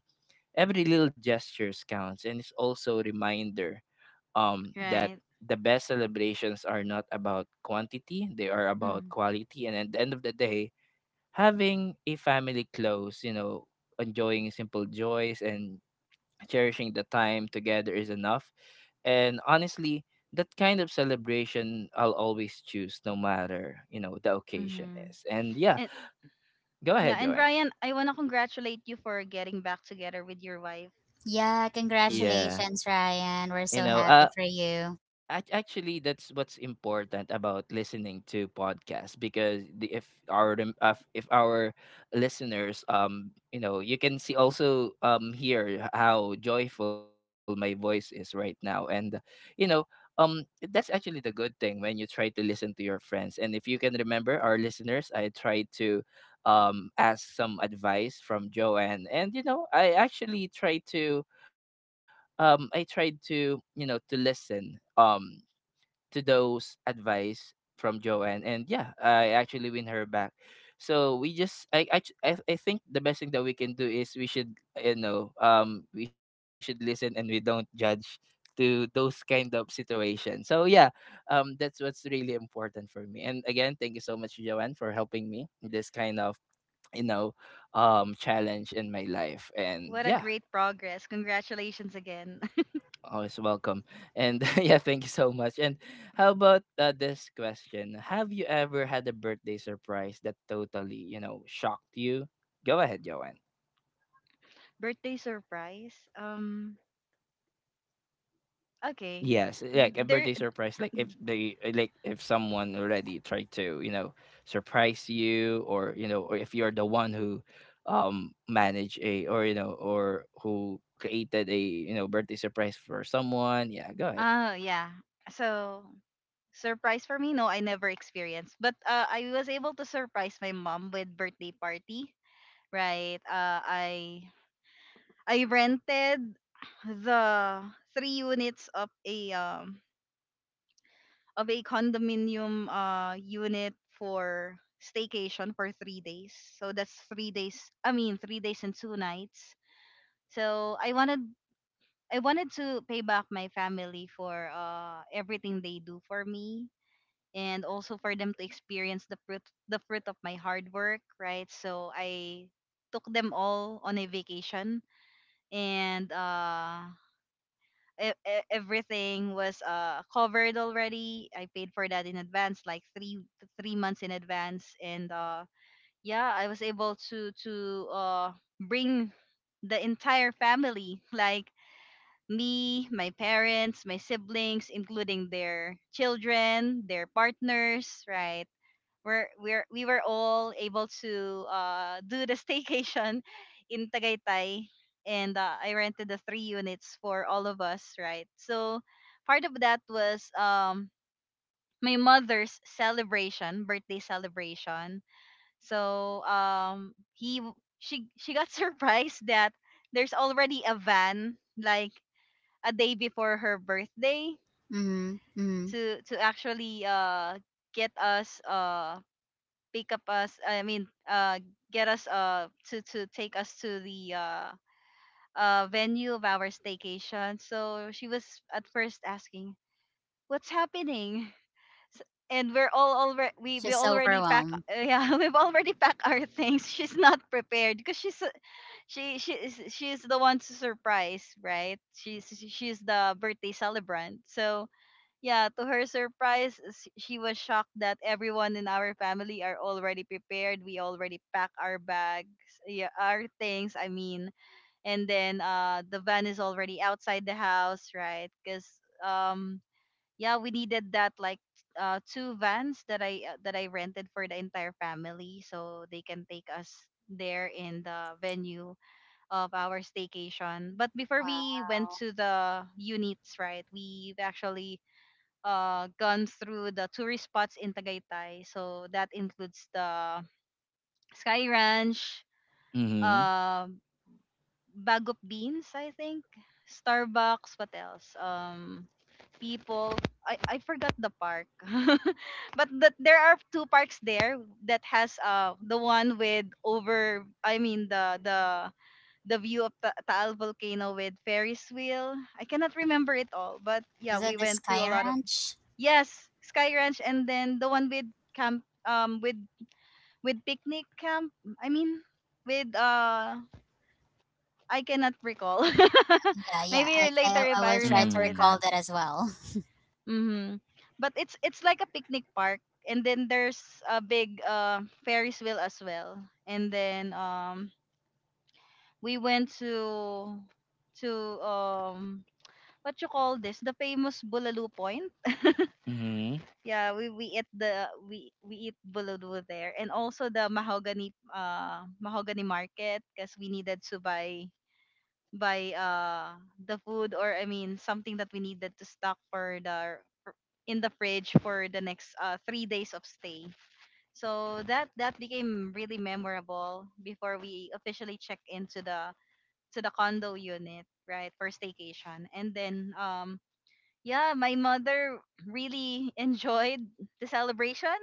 Speaker 1: every little gestures counts. And it's also a reminder that
Speaker 3: Right.
Speaker 1: the best celebrations are not about quantity; they are about
Speaker 3: Mm-hmm.
Speaker 1: quality. And at the end of the day, having a family close, enjoying simple joys and cherishing the time together is enough. And honestly, that kind of celebration I'll always choose no matter the occasion
Speaker 3: Mm-hmm.
Speaker 1: is. And yeah,
Speaker 3: And
Speaker 1: go
Speaker 3: yeah,
Speaker 1: ahead,
Speaker 3: and
Speaker 1: Joanne.
Speaker 3: Ryan, I wanna congratulate you for getting back together with your wife.
Speaker 2: Yeah,
Speaker 3: Mm-hmm.
Speaker 1: Yeah.
Speaker 2: congratulations, Ryan, we're
Speaker 1: You
Speaker 2: so
Speaker 1: know,
Speaker 2: happy for you.
Speaker 1: Actually that's what's important about listening to podcasts because the, if our rem- if our listeners you can see also hear how joyful my voice is right now, and you know um that's actually the good thing when you try to listen to your friends, and if you can remember, our listeners, I tried to ask some advice from Joanne. And I actually tried to I tried to you know to listen to those advice from Joanne, and yeah, I actually win her back. So we just, I, ch- I think the best thing that we can do is we should listen and we don't judge to those kind of situations. So yeah, that's what's really important for me. And again, thank you so much, Joanne, for helping me in this kind of, you know, challenge in my life. And
Speaker 3: What a
Speaker 1: yeah.
Speaker 3: great progress. Congratulations again. [LAUGHS]
Speaker 1: Always welcome. And [LAUGHS] yeah, thank you so much. And how about this question? Have you ever had a birthday surprise that totally shocked you? Go ahead, Joanne.
Speaker 3: Birthday surprise. Okay.
Speaker 1: Yes, like a birthday
Speaker 3: There
Speaker 1: surprise. Like if they, eh, like if someone already tried to surprise you, or or if you're the one who, manage a, or you know, or who created a birthday surprise for someone. Yeah, go ahead.
Speaker 3: yeah. So surprise for me, no, I never experienced. But uh, I was able to surprise my mom with birthday party, right? I rented the 3 units of a condominium unit for staycation for 3 days. So that's 3 days, I mean 3 days and 2 nights. So I wanted to pay back my family for everything they do for me, and also for them to experience the fruit of my hard work, right? So I took them all on a vacation, and everything was covered already. I paid for that in advance, like 3 3 months in advance, and uh, yeah, I was able to bring the entire family [LAUGHS] like me, my parents, my siblings, including their children, their partners, right? We were all able to do the [LAUGHS] staycation in Tagaytay. And I rented the 3 units for all of us, right? So part of that was my mother's celebration, birthday celebration. So she got [LAUGHS] surprised that there's already a van like a day before her birthday
Speaker 2: Mm-hmm, mm-hmm.
Speaker 3: to actually get us pick up us, I mean get us to take us to the venue of our staycation. So she was at first asking, "What's happening?" And we're all already, we
Speaker 2: Just
Speaker 3: already pack
Speaker 2: overwhelmed.
Speaker 3: yeah, [LAUGHS] we've already packed our things. She's not prepared because she is, she's the one to surprise, right. She's the birthday celebrant. So, yeah, to her surprise, she was shocked that everyone in our family are already prepared. We already pack our bags, yeah, our things, I mean. And then the van is already outside the house, right? Cuz yeah, we needed that, like two vans that I rented for the entire family, so they can take us there in the venue of our staycation. But before we went
Speaker 2: Wow.
Speaker 3: to the units, right? We've actually gone through the tourist spots in Tagaytay. So that includes the Sky Ranch,
Speaker 1: Mm-hmm.
Speaker 3: uh, Bag of Beans, I think, Starbucks, what else? People. I forgot the park. [LAUGHS] But that, there are two parks there that has the one with over I mean the view of the Taal volcano with Ferris wheel. I cannot remember it all, but yeah,
Speaker 2: Is
Speaker 3: we
Speaker 2: it the
Speaker 3: went to a
Speaker 2: Sky
Speaker 3: lot of.
Speaker 2: Ranch?
Speaker 3: Yes, Sky Ranch, and then the one with camp, with picnic camp. I mean, with I cannot recall.
Speaker 2: Yeah,
Speaker 3: [LAUGHS]
Speaker 2: yeah. I,
Speaker 3: Maybe later
Speaker 2: I
Speaker 3: if
Speaker 2: I
Speaker 3: I
Speaker 2: will try to
Speaker 3: remember
Speaker 1: Mm-hmm.
Speaker 2: recall
Speaker 3: that.
Speaker 2: that as well. [LAUGHS]
Speaker 3: Mm-hmm. But it's like a picnic park, and then there's a big Ferris wheel as well, and then we went to um what you call this the famous Bulalo Point.
Speaker 1: Mm-hmm.
Speaker 3: Yeah, we eat buludo there, and also the mahogany mahogany market, because we needed to buy the food, or I mean something that we needed to stock for in the fridge for the next 3 days of stay. So that that became really memorable before we officially check into the to the condo unit, right, for staycation. And then yeah, my mother really enjoyed the celebration.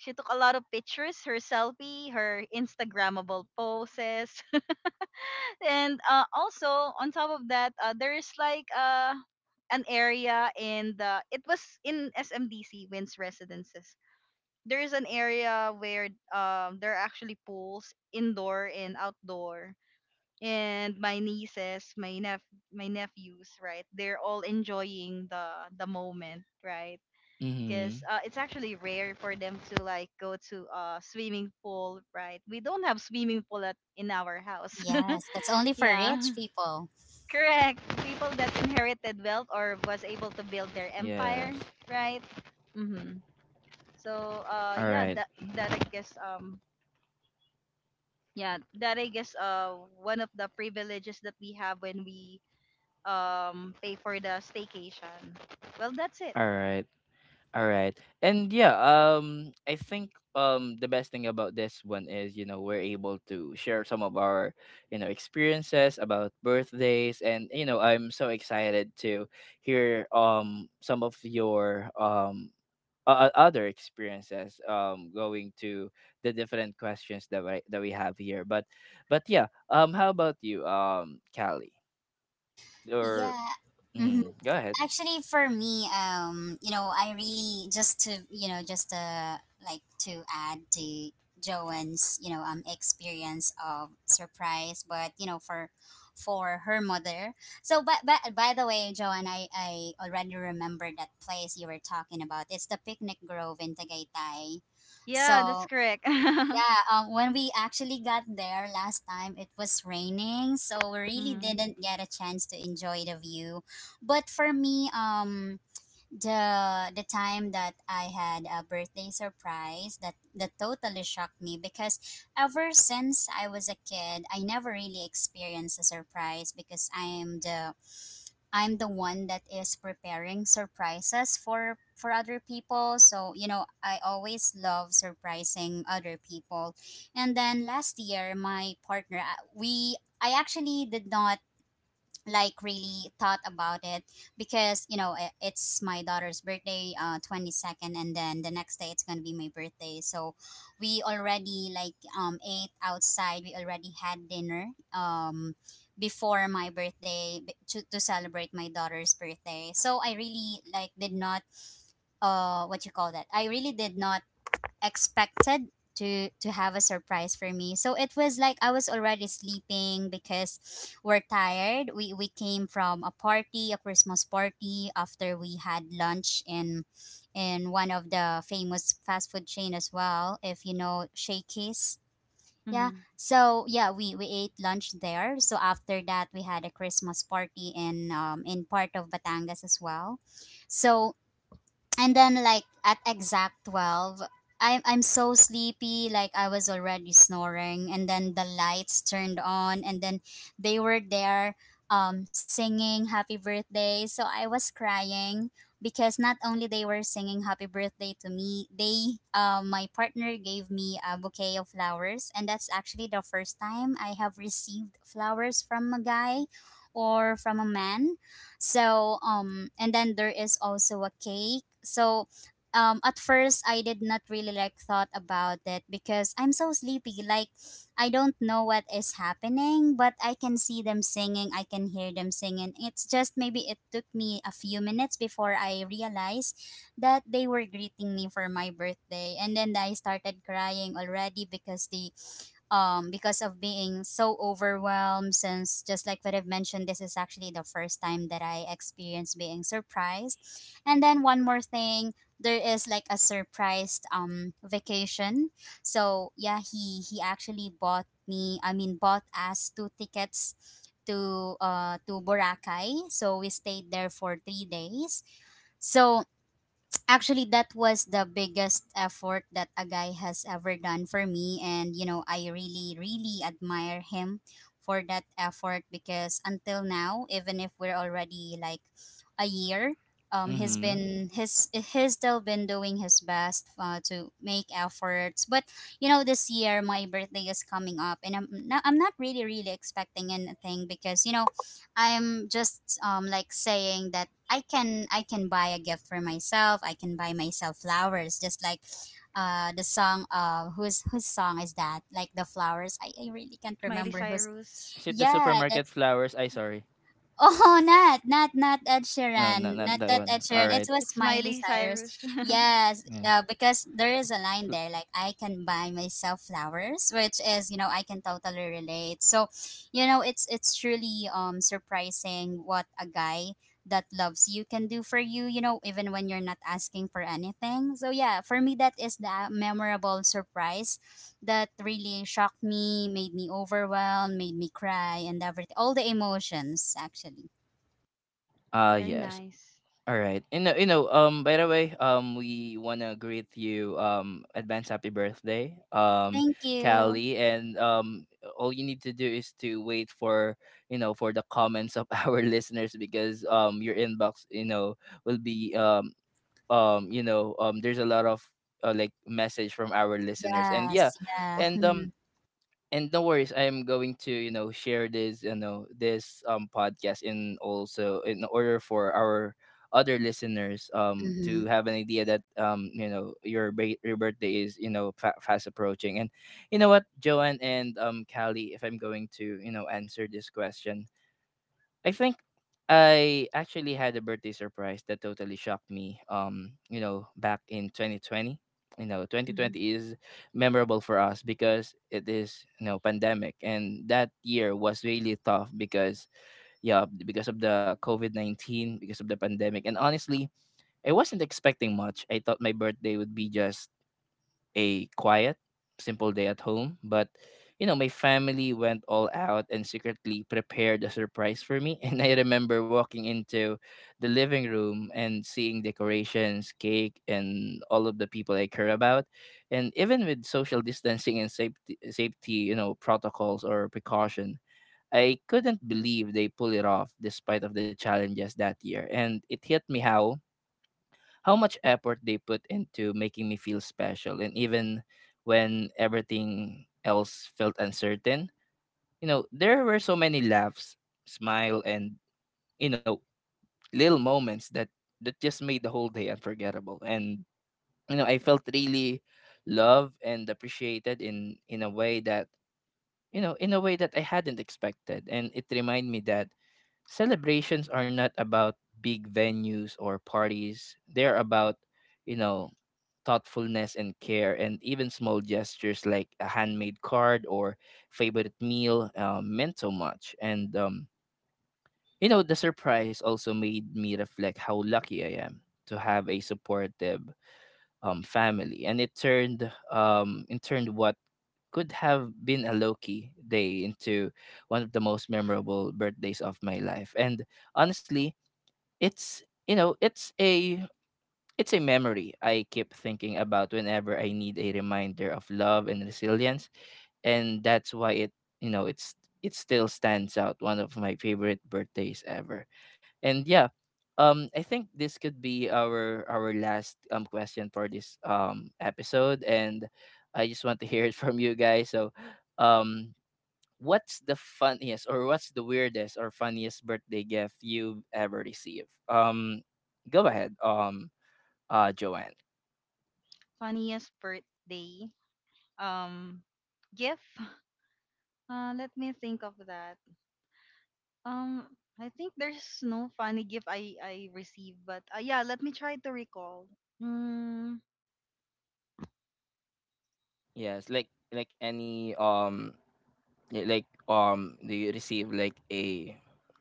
Speaker 3: She took a lot of pictures, her selfie, her Instagrammable poses. [LAUGHS] And also, on top of that, there's like an area in the, it was in SMDC, Wins Residences. There is an area where there are actually pools, indoor and outdoor. And my nieces, my my nephews, right? They're all enjoying the moment, right? Because
Speaker 1: Mm-hmm.
Speaker 3: it's actually rare for them to like go to a swimming pool, right? We don't have swimming pool at in our house. [LAUGHS]
Speaker 2: Yes, that's only for
Speaker 3: Yeah,
Speaker 2: rich people.
Speaker 3: correct. People that inherited wealth or was able to build their empire,
Speaker 1: Yes.
Speaker 3: right? Mm-hmm. So
Speaker 1: All
Speaker 3: yeah,
Speaker 1: right.
Speaker 3: that I guess yeah that I guess uh one of the privileges that we have when we pay for the staycation. Well, that's it.
Speaker 1: All right. All right. And yeah, I think the best thing about this one is, we're able to share some of our, experiences about birthdays, and I'm so excited to hear some of your other experiences going to the different questions that we have here. But yeah, how about you Callie? Or
Speaker 2: Yeah. Hmm.
Speaker 1: Mhm, go ahead.
Speaker 2: Actually, for me, you know, I really just to you know just to like to add to Joanne's, you know, experience of surprise, but you know, for her mother. So, but by the way, Joanne, I already remember that place you were talking about. It's the Picnic Grove in Tagaytay.
Speaker 3: Yeah, that's
Speaker 2: So.
Speaker 3: correct. [LAUGHS] Mm-hmm.
Speaker 2: Yeah, when we actually got there last time, it was raining, so we really didn't get a chance to enjoy the view. But for me, the time that I had a birthday surprise that totally shocked me, because ever since I was a kid, I never really experienced a surprise, because I'm the one that is preparing surprises for other people. So, you know, I always love surprising other people. And then last year, my partner, we I actually did not like really thought about it, because you know it's my daughter's birthday, 22nd, and then the next day it's gonna be my birthday. So we already like, ate outside, we already had dinner, um before my birthday, to celebrate my daughter's birthday. So I really like did not, what you call that, I really did not expected to have a surprise for me. So it was like I was already sleeping because we're tired. We came from a party, a Christmas party, after we had lunch in one of the famous fast food chain as well, if you know Shakey's. Yeah.
Speaker 3: Mm-hmm.
Speaker 2: So yeah, we ate lunch there. So after that we had a Christmas party in part of Batangas as well. So, and then like at exact 12, I'm so sleepy, like I was already snoring, and then the lights turned on, and then they were there, singing happy birthday. So I was crying, because not only they were singing happy birthday to me, they my partner gave me a bouquet of flowers, and that's actually the first time I have received flowers from a guy, or from a man. So, and then there is also a cake. So, at first I did not really like thought about it because I'm so sleepy. Like, I don't know what is happening, but I can see them singing, I can hear them singing. It's just maybe it took me a few minutes before I realized that they were greeting me for my birthday. And then I started crying already because they, because of being so overwhelmed. Since, just like what I've mentioned, this is actually the first time that I experienced being surprised. And then, one more thing, there is like a surprised vacation. So yeah, he actually bought me, I mean bought us two tickets to Boracay. So we stayed there for 3 days. So actually that was the biggest effort that a guy has ever done for me, and you know I really really admire him for that effort, because until now, even if we're already like a year,
Speaker 1: Mhm.
Speaker 2: he's still been doing his best, to make efforts. But you know this year my birthday is coming up, and I'm not really really expecting anything, because you know I'm just, like saying that I can buy a gift for myself. I can buy myself flowers, just like the song, whose song is that? Like the flowers. I really can't
Speaker 3: Miley
Speaker 2: remember whose.
Speaker 3: Cyrus.
Speaker 1: Is it the
Speaker 2: Yeah,
Speaker 1: supermarket
Speaker 2: that's,
Speaker 1: flowers? I sorry.
Speaker 2: oh, [LAUGHS] not
Speaker 1: No,
Speaker 2: Ed
Speaker 1: not that
Speaker 2: Sheeran,
Speaker 1: one.
Speaker 2: not
Speaker 1: All
Speaker 2: that
Speaker 1: right.
Speaker 2: Ed Sheeran. It was
Speaker 3: It's
Speaker 2: Miley
Speaker 3: Miley
Speaker 2: Cyrus.
Speaker 3: Cyrus. [LAUGHS]
Speaker 1: Yeah.
Speaker 2: Yes, because there is a
Speaker 1: Fl-
Speaker 2: line there like, I can buy myself flowers, which is, you know, I can totally relate. So, you know, it's truly surprising what a guy that loves you can do for you, you know, even when you're not asking for anything. So yeah, for me that is the memorable surprise that really shocked me, made me overwhelmed, made me cry, and everything, all the emotions actually.
Speaker 3: Very
Speaker 1: Yes.
Speaker 3: nice.
Speaker 1: All right. You know, by the way, we want to greet you advance happy birthday.
Speaker 2: Thank you.
Speaker 1: Callie, and all you need to do is to wait for the comments of [LAUGHS] our listeners, because your inbox will be there's a lot of like message from our listeners. And yeah.
Speaker 2: Yes, yeah.
Speaker 1: And um and no worries, I'm going to share this this podcast, and also in order for our other listeners
Speaker 2: Mm-hmm.
Speaker 1: to have an idea that your birthday is fast approaching. And you know what, Joanne and Callie, if I'm going to answer this question, I think I actually had a birthday surprise that totally shocked me. Back in 2020. You know,
Speaker 3: Hmm.
Speaker 1: 2020 is memorable for us because it is, pandemic, and that year was really tough because of the COVID-19, because of the pandemic. And honestly, I wasn't expecting much. I thought my birthday would be just a quiet, simple day at home, but my family went all out and secretly prepared a surprise for me. [LAUGHS] And I remember walking into the living room and seeing decorations, cake, and all of the people I care about. And even with social distancing and safety, protocols or precaution, I couldn't believe they pull it off despite of the challenges that year. And it hit me how much effort they put into making me feel special, and even when everything else felt uncertain, there were so many laughs, smile, and you know little moments that just made the whole day unforgettable. And I felt really loved and appreciated in a way that I hadn't expected. And it reminded me that celebrations are not about big venues or parties. They're about, you know, thoughtfulness and care, and even small gestures like a handmade card or favorite meal meant so much. And, the surprise also made me reflect how lucky I am to have a supportive family. And it turned what could have been a low key day into one of the most memorable birthdays of my life. And honestly, it's you know it's a memory I keep thinking about whenever I need a reminder of love and resilience, and that's why it you know it's it still stands out one of my favorite birthdays ever. And yeah, I think this could be our last question for this episode, and I just want to hear it from you guys. So um what's the weirdest or funniest birthday gift you've ever received? Go ahead. Joanne.
Speaker 3: Funniest birthday um gift. Let me think of that. Um, I think there's no funny gift I received, but yeah, let me try to recall. Mm,
Speaker 1: Yes, like any do you receive like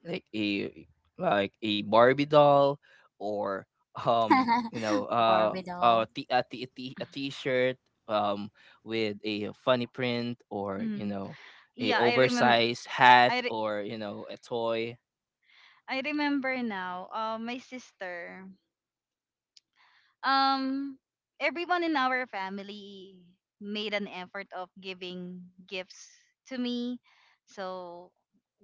Speaker 1: like a a Barbie doll, or [LAUGHS]
Speaker 2: [LAUGHS] Barbidol.
Speaker 1: t- a, t- a, t- a t-shirt um with a funny print, or
Speaker 3: mm.
Speaker 1: a
Speaker 3: Yeah, I remember.
Speaker 1: oversized
Speaker 3: I
Speaker 1: hat,
Speaker 3: re-
Speaker 1: or a toy.
Speaker 3: I remember now. My sister. um Everyone in our family made an effort of giving gifts to me. So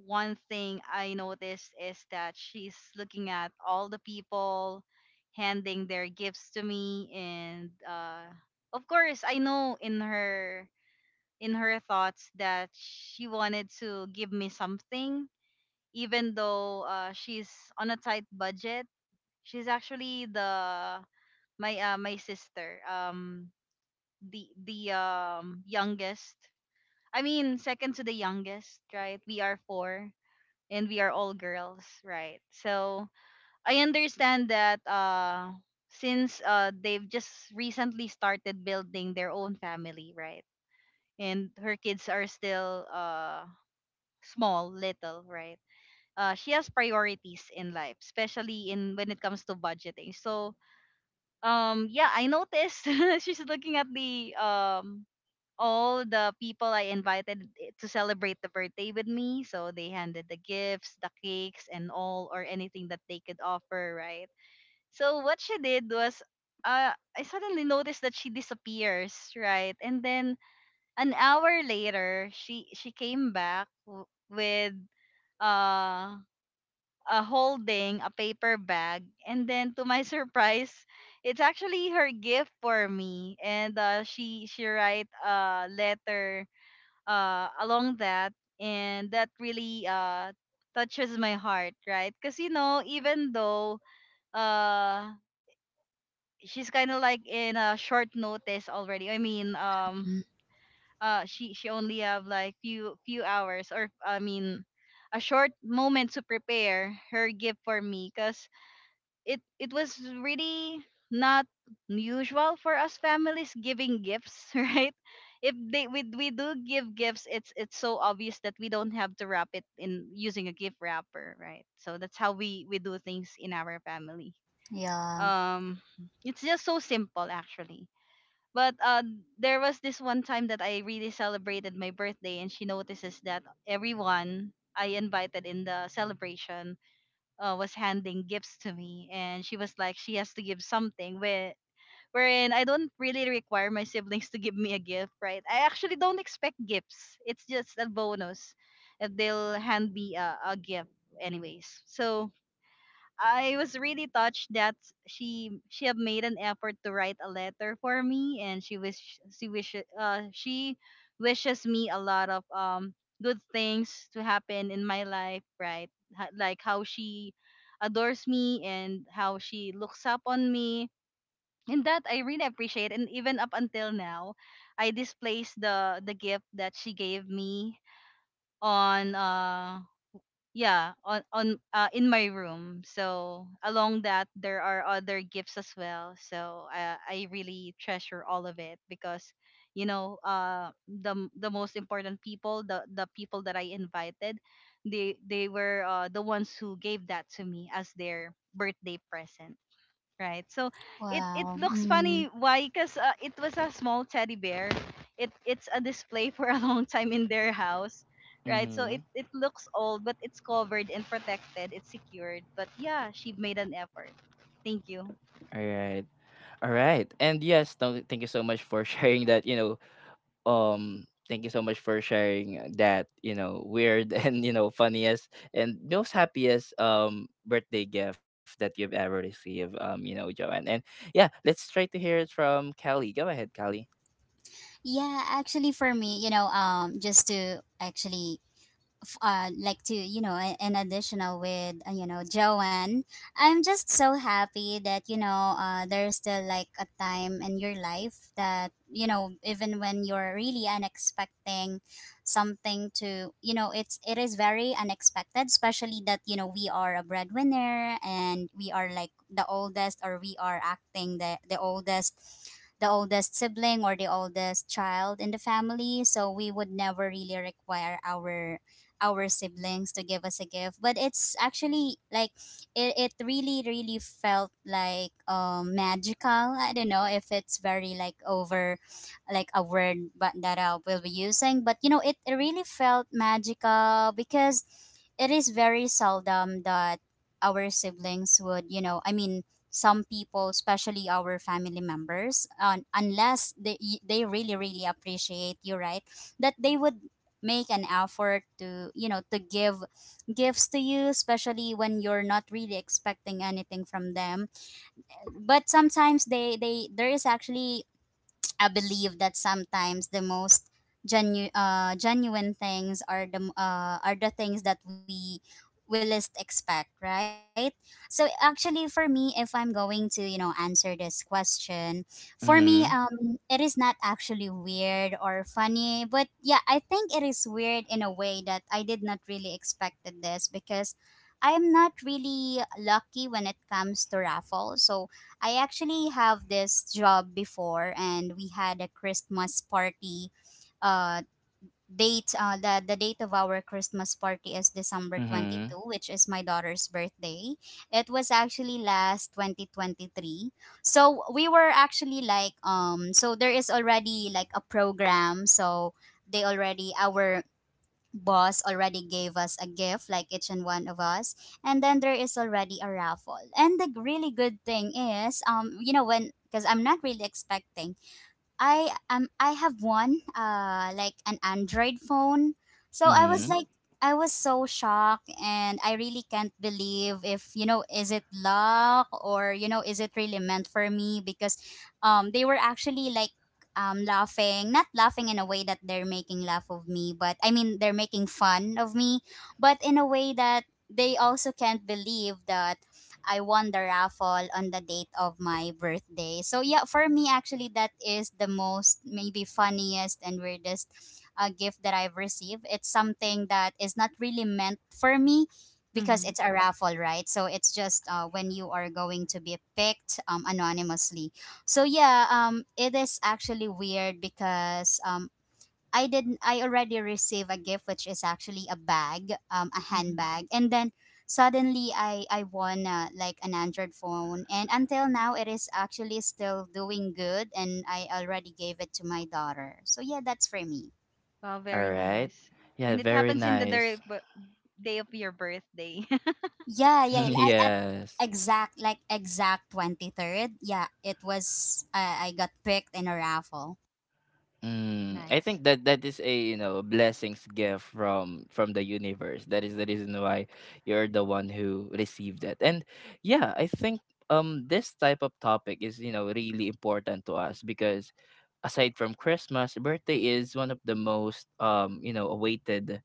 Speaker 3: one thing I noticed is that she's looking at all the people handing their gifts to me, and of course I know in her thoughts that she wanted to give me something, even though she's on a tight budget. She's actually the my my sister, the youngest. I mean, second to the youngest, right? We are four, and we are all girls, right? So I understand that since they've just recently started building their own family, right? And her kids are still small little, right? Uh, she has priorities in life, especially in when it comes to budgeting. So yeah, I noticed [LAUGHS] she's looking at the all the people I invited to celebrate the birthday with me. So they handed the gifts, the cakes, and all or anything that they could offer, right? So what she did was uh, I suddenly noticed that she disappears, right? And then an hour later, she came back with uh holding a paper bag. And then, to my [LAUGHS] surprise, it's actually her gift for me. And she write a letter along that, and that really touches my heart, right? Because you know, even though uh, she's kind of like in a short notice already. I mean,
Speaker 2: Mm.
Speaker 3: she only have like few hours, or I mean, a short moment to prepare her gift for me, because it was really not usual for us families giving gifts [LAUGHS] right. If we do give gifts, it's so obvious that we don't have to wrap it in using a gift wrapper, right? So that's how we do things in our family.
Speaker 2: Yeah.
Speaker 3: um it's just so simple actually, but there was this one time that I really celebrated my birthday, and she notices that everyone I invited in the celebration was handing gifts to me, and she was like, she has to give something. Wherein I don't really require my siblings to give me a gift, right? I actually don't expect gifts. It's just a bonus if they'll hand me a gift, anyways. So I was really touched that she have made an effort to write a letter for me, and she wishes me a lot of good things to happen in my life, right? Like how she adores me and how she looks up on me, and that I really appreciate. And even up until now, I displays the gift that she gave me on in my room. So along that there are other gifts as well. So I really treasure all of it, because you know, the most important people, the people that I invited, they were the ones who gave that to me as their birthday present. Right. So it
Speaker 2: Wow.
Speaker 3: looks funny.
Speaker 2: Mm.
Speaker 3: Why? Because it was a small teddy bear. It it's a display for a [LAUGHS] long time in their house, right? So it
Speaker 1: Mm-hmm.
Speaker 3: it looks old, but it's covered and protected. It's secured. But yeah, she made an effort. Thank you.
Speaker 1: All right. All right. And yes, no, thank you so much for [LAUGHS] sharing that, thank you so much for sharing that, weird [LAUGHS] and, funniest and most happiest birthday gift that you've ever received, Joanne. And yeah, let's try to hear it from Callie. Go ahead, Callie.
Speaker 2: Yeah, actually for me, you know, just to actually, like to, you know, an additional with, you know, Joanne, I'm just so happy that, you know, there's still like a time in your life that, you know, even when you're really unexpecting something to, you know, it is very unexpected, especially that, you know, we are a breadwinner, and we are like the oldest, or we are acting the oldest, sibling, or the oldest child in the family, so we would never really require our siblings to give us a gift. But it's actually like, it really really felt like magical. I don't know if it's very like over, like a word, but that I will be using, but you know it really felt magical, because it is very seldom that our siblings would, you know, I mean some people, especially our family members, unless they, really really appreciate you, right, that they would make an effort to, you know, to give gifts to you, especially when you're not really expecting anything from them. But sometimes they, there is actually, I believe that sometimes the most genuine things are the are the things that we least expect, right? So actually, for me, if I'm going to, you know, answer this question, for
Speaker 1: Mhm.
Speaker 2: me, it is not actually weird or funny, but yeah, I think it is weird in a way that I did not really expected this, because. I'm not really lucky when it comes to raffle. So I actually have this job before, and we had a Christmas party. Uh, date the date of our Christmas party is December twenty
Speaker 1: Mhm.
Speaker 2: two, which is my daughter's birthday. It was actually last 2023. So we were actually like, so there is already like a program. So they already our boss already gave us a gift, like each and one of us, and then there is already a raffle, and the really good thing is, you know when, because I'm not really expecting, I have one, like an Android phone. So I was, Mhm,
Speaker 1: Mhm.
Speaker 2: like I was so shocked, and I really can't believe if, you know, is it luck, or you know is it really meant for me, because they were actually like, laughing, not laughing in a way that they're making laugh of me, but I mean they're making fun of me, but in a way that they also can't believe that I won the raffle on the date of my birthday. So yeah, for me actually that is the most maybe funniest and weirdest gift that I've received. It's something that is not really meant for me, because
Speaker 3: Mm-hmm.
Speaker 2: it's a raffle, right? So it's just, when you are going to be picked, anonymously. So yeah, it is actually weird because, I already received a gift which is actually a bag, a
Speaker 3: Mm-hmm.
Speaker 2: handbag. And then suddenly I won, like an Android phone, and until now it is actually still doing good, and I already gave it to my daughter. So yeah, that's for me.
Speaker 3: Wow,
Speaker 1: All
Speaker 3: very
Speaker 1: right.
Speaker 3: nice.
Speaker 1: Yeah,
Speaker 3: And it
Speaker 1: very
Speaker 3: happens in the day,
Speaker 1: nice.
Speaker 3: day of your birthday. [LAUGHS]
Speaker 2: Yeah,
Speaker 1: [LAUGHS]
Speaker 2: yeah, I at
Speaker 1: Yes.
Speaker 2: exact, like, exact 23rd. Yeah, it was, I got picked in a raffle.
Speaker 1: Mm, I
Speaker 3: Nice.
Speaker 1: think that is a blessings gift from the universe. That is the reason why you're the one who received it. And yeah, I think this type of topic is really important to us, because aside from Christmas, birthday is one of the most awaited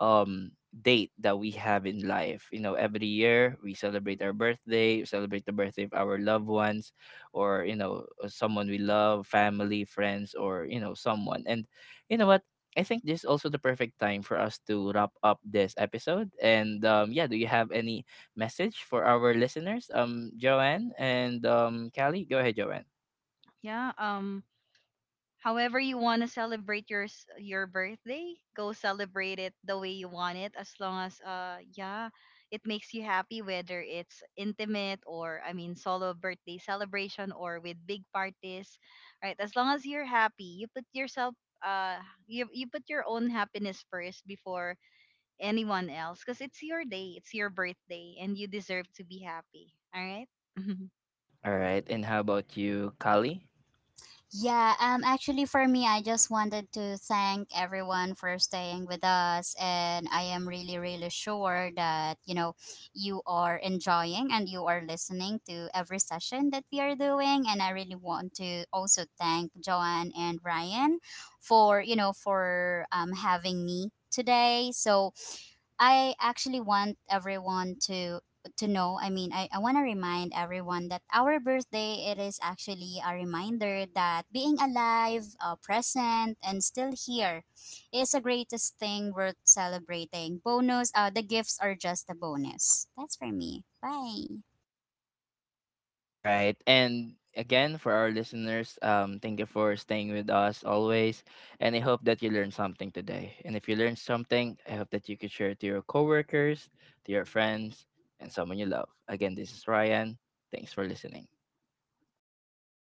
Speaker 1: um date that we have in life. Every year we celebrate our birthday, we celebrate the birthday of our loved ones, or someone we love, family, friends, or someone. And you know what, I think this is also the perfect time for us to wrap up this episode. And yeah do you have any message for our listeners, Joanne and Callie? Go ahead, Joanne.
Speaker 3: Yeah. However you want to celebrate your birthday, go celebrate it the way you want it, as long as yeah, it makes you happy, whether it's intimate or I mean solo birthday celebration or with big parties, right? As long as you're happy, you put yourself uh you you put your own happiness first before anyone else, because it's your day, it's your birthday, and you deserve to be happy. All right? [LAUGHS]
Speaker 1: All right. And how about you, Callie?
Speaker 2: Yeah, actually for me I just wanted to thank everyone for staying with us, and I am really really sure that, you know, you are enjoying and you are listening to every session that we are doing, and I really want to also thank Joanne and Ryan for, you know, for having me today. So I actually want everyone to know, I mean I want to remind everyone that our birthday, it is actually a reminder that being alive, present and still here, is the greatest thing worth celebrating. Bonus, the gifts are just a bonus. That's for me. Bye.
Speaker 1: All right. And again, for our listeners, thank you for staying with us always. And I hope that you learned something today. And if you learned something, I hope that you could share it to your coworkers, to your friends, and someone you love. Again, this is Ryan. Thanks for listening.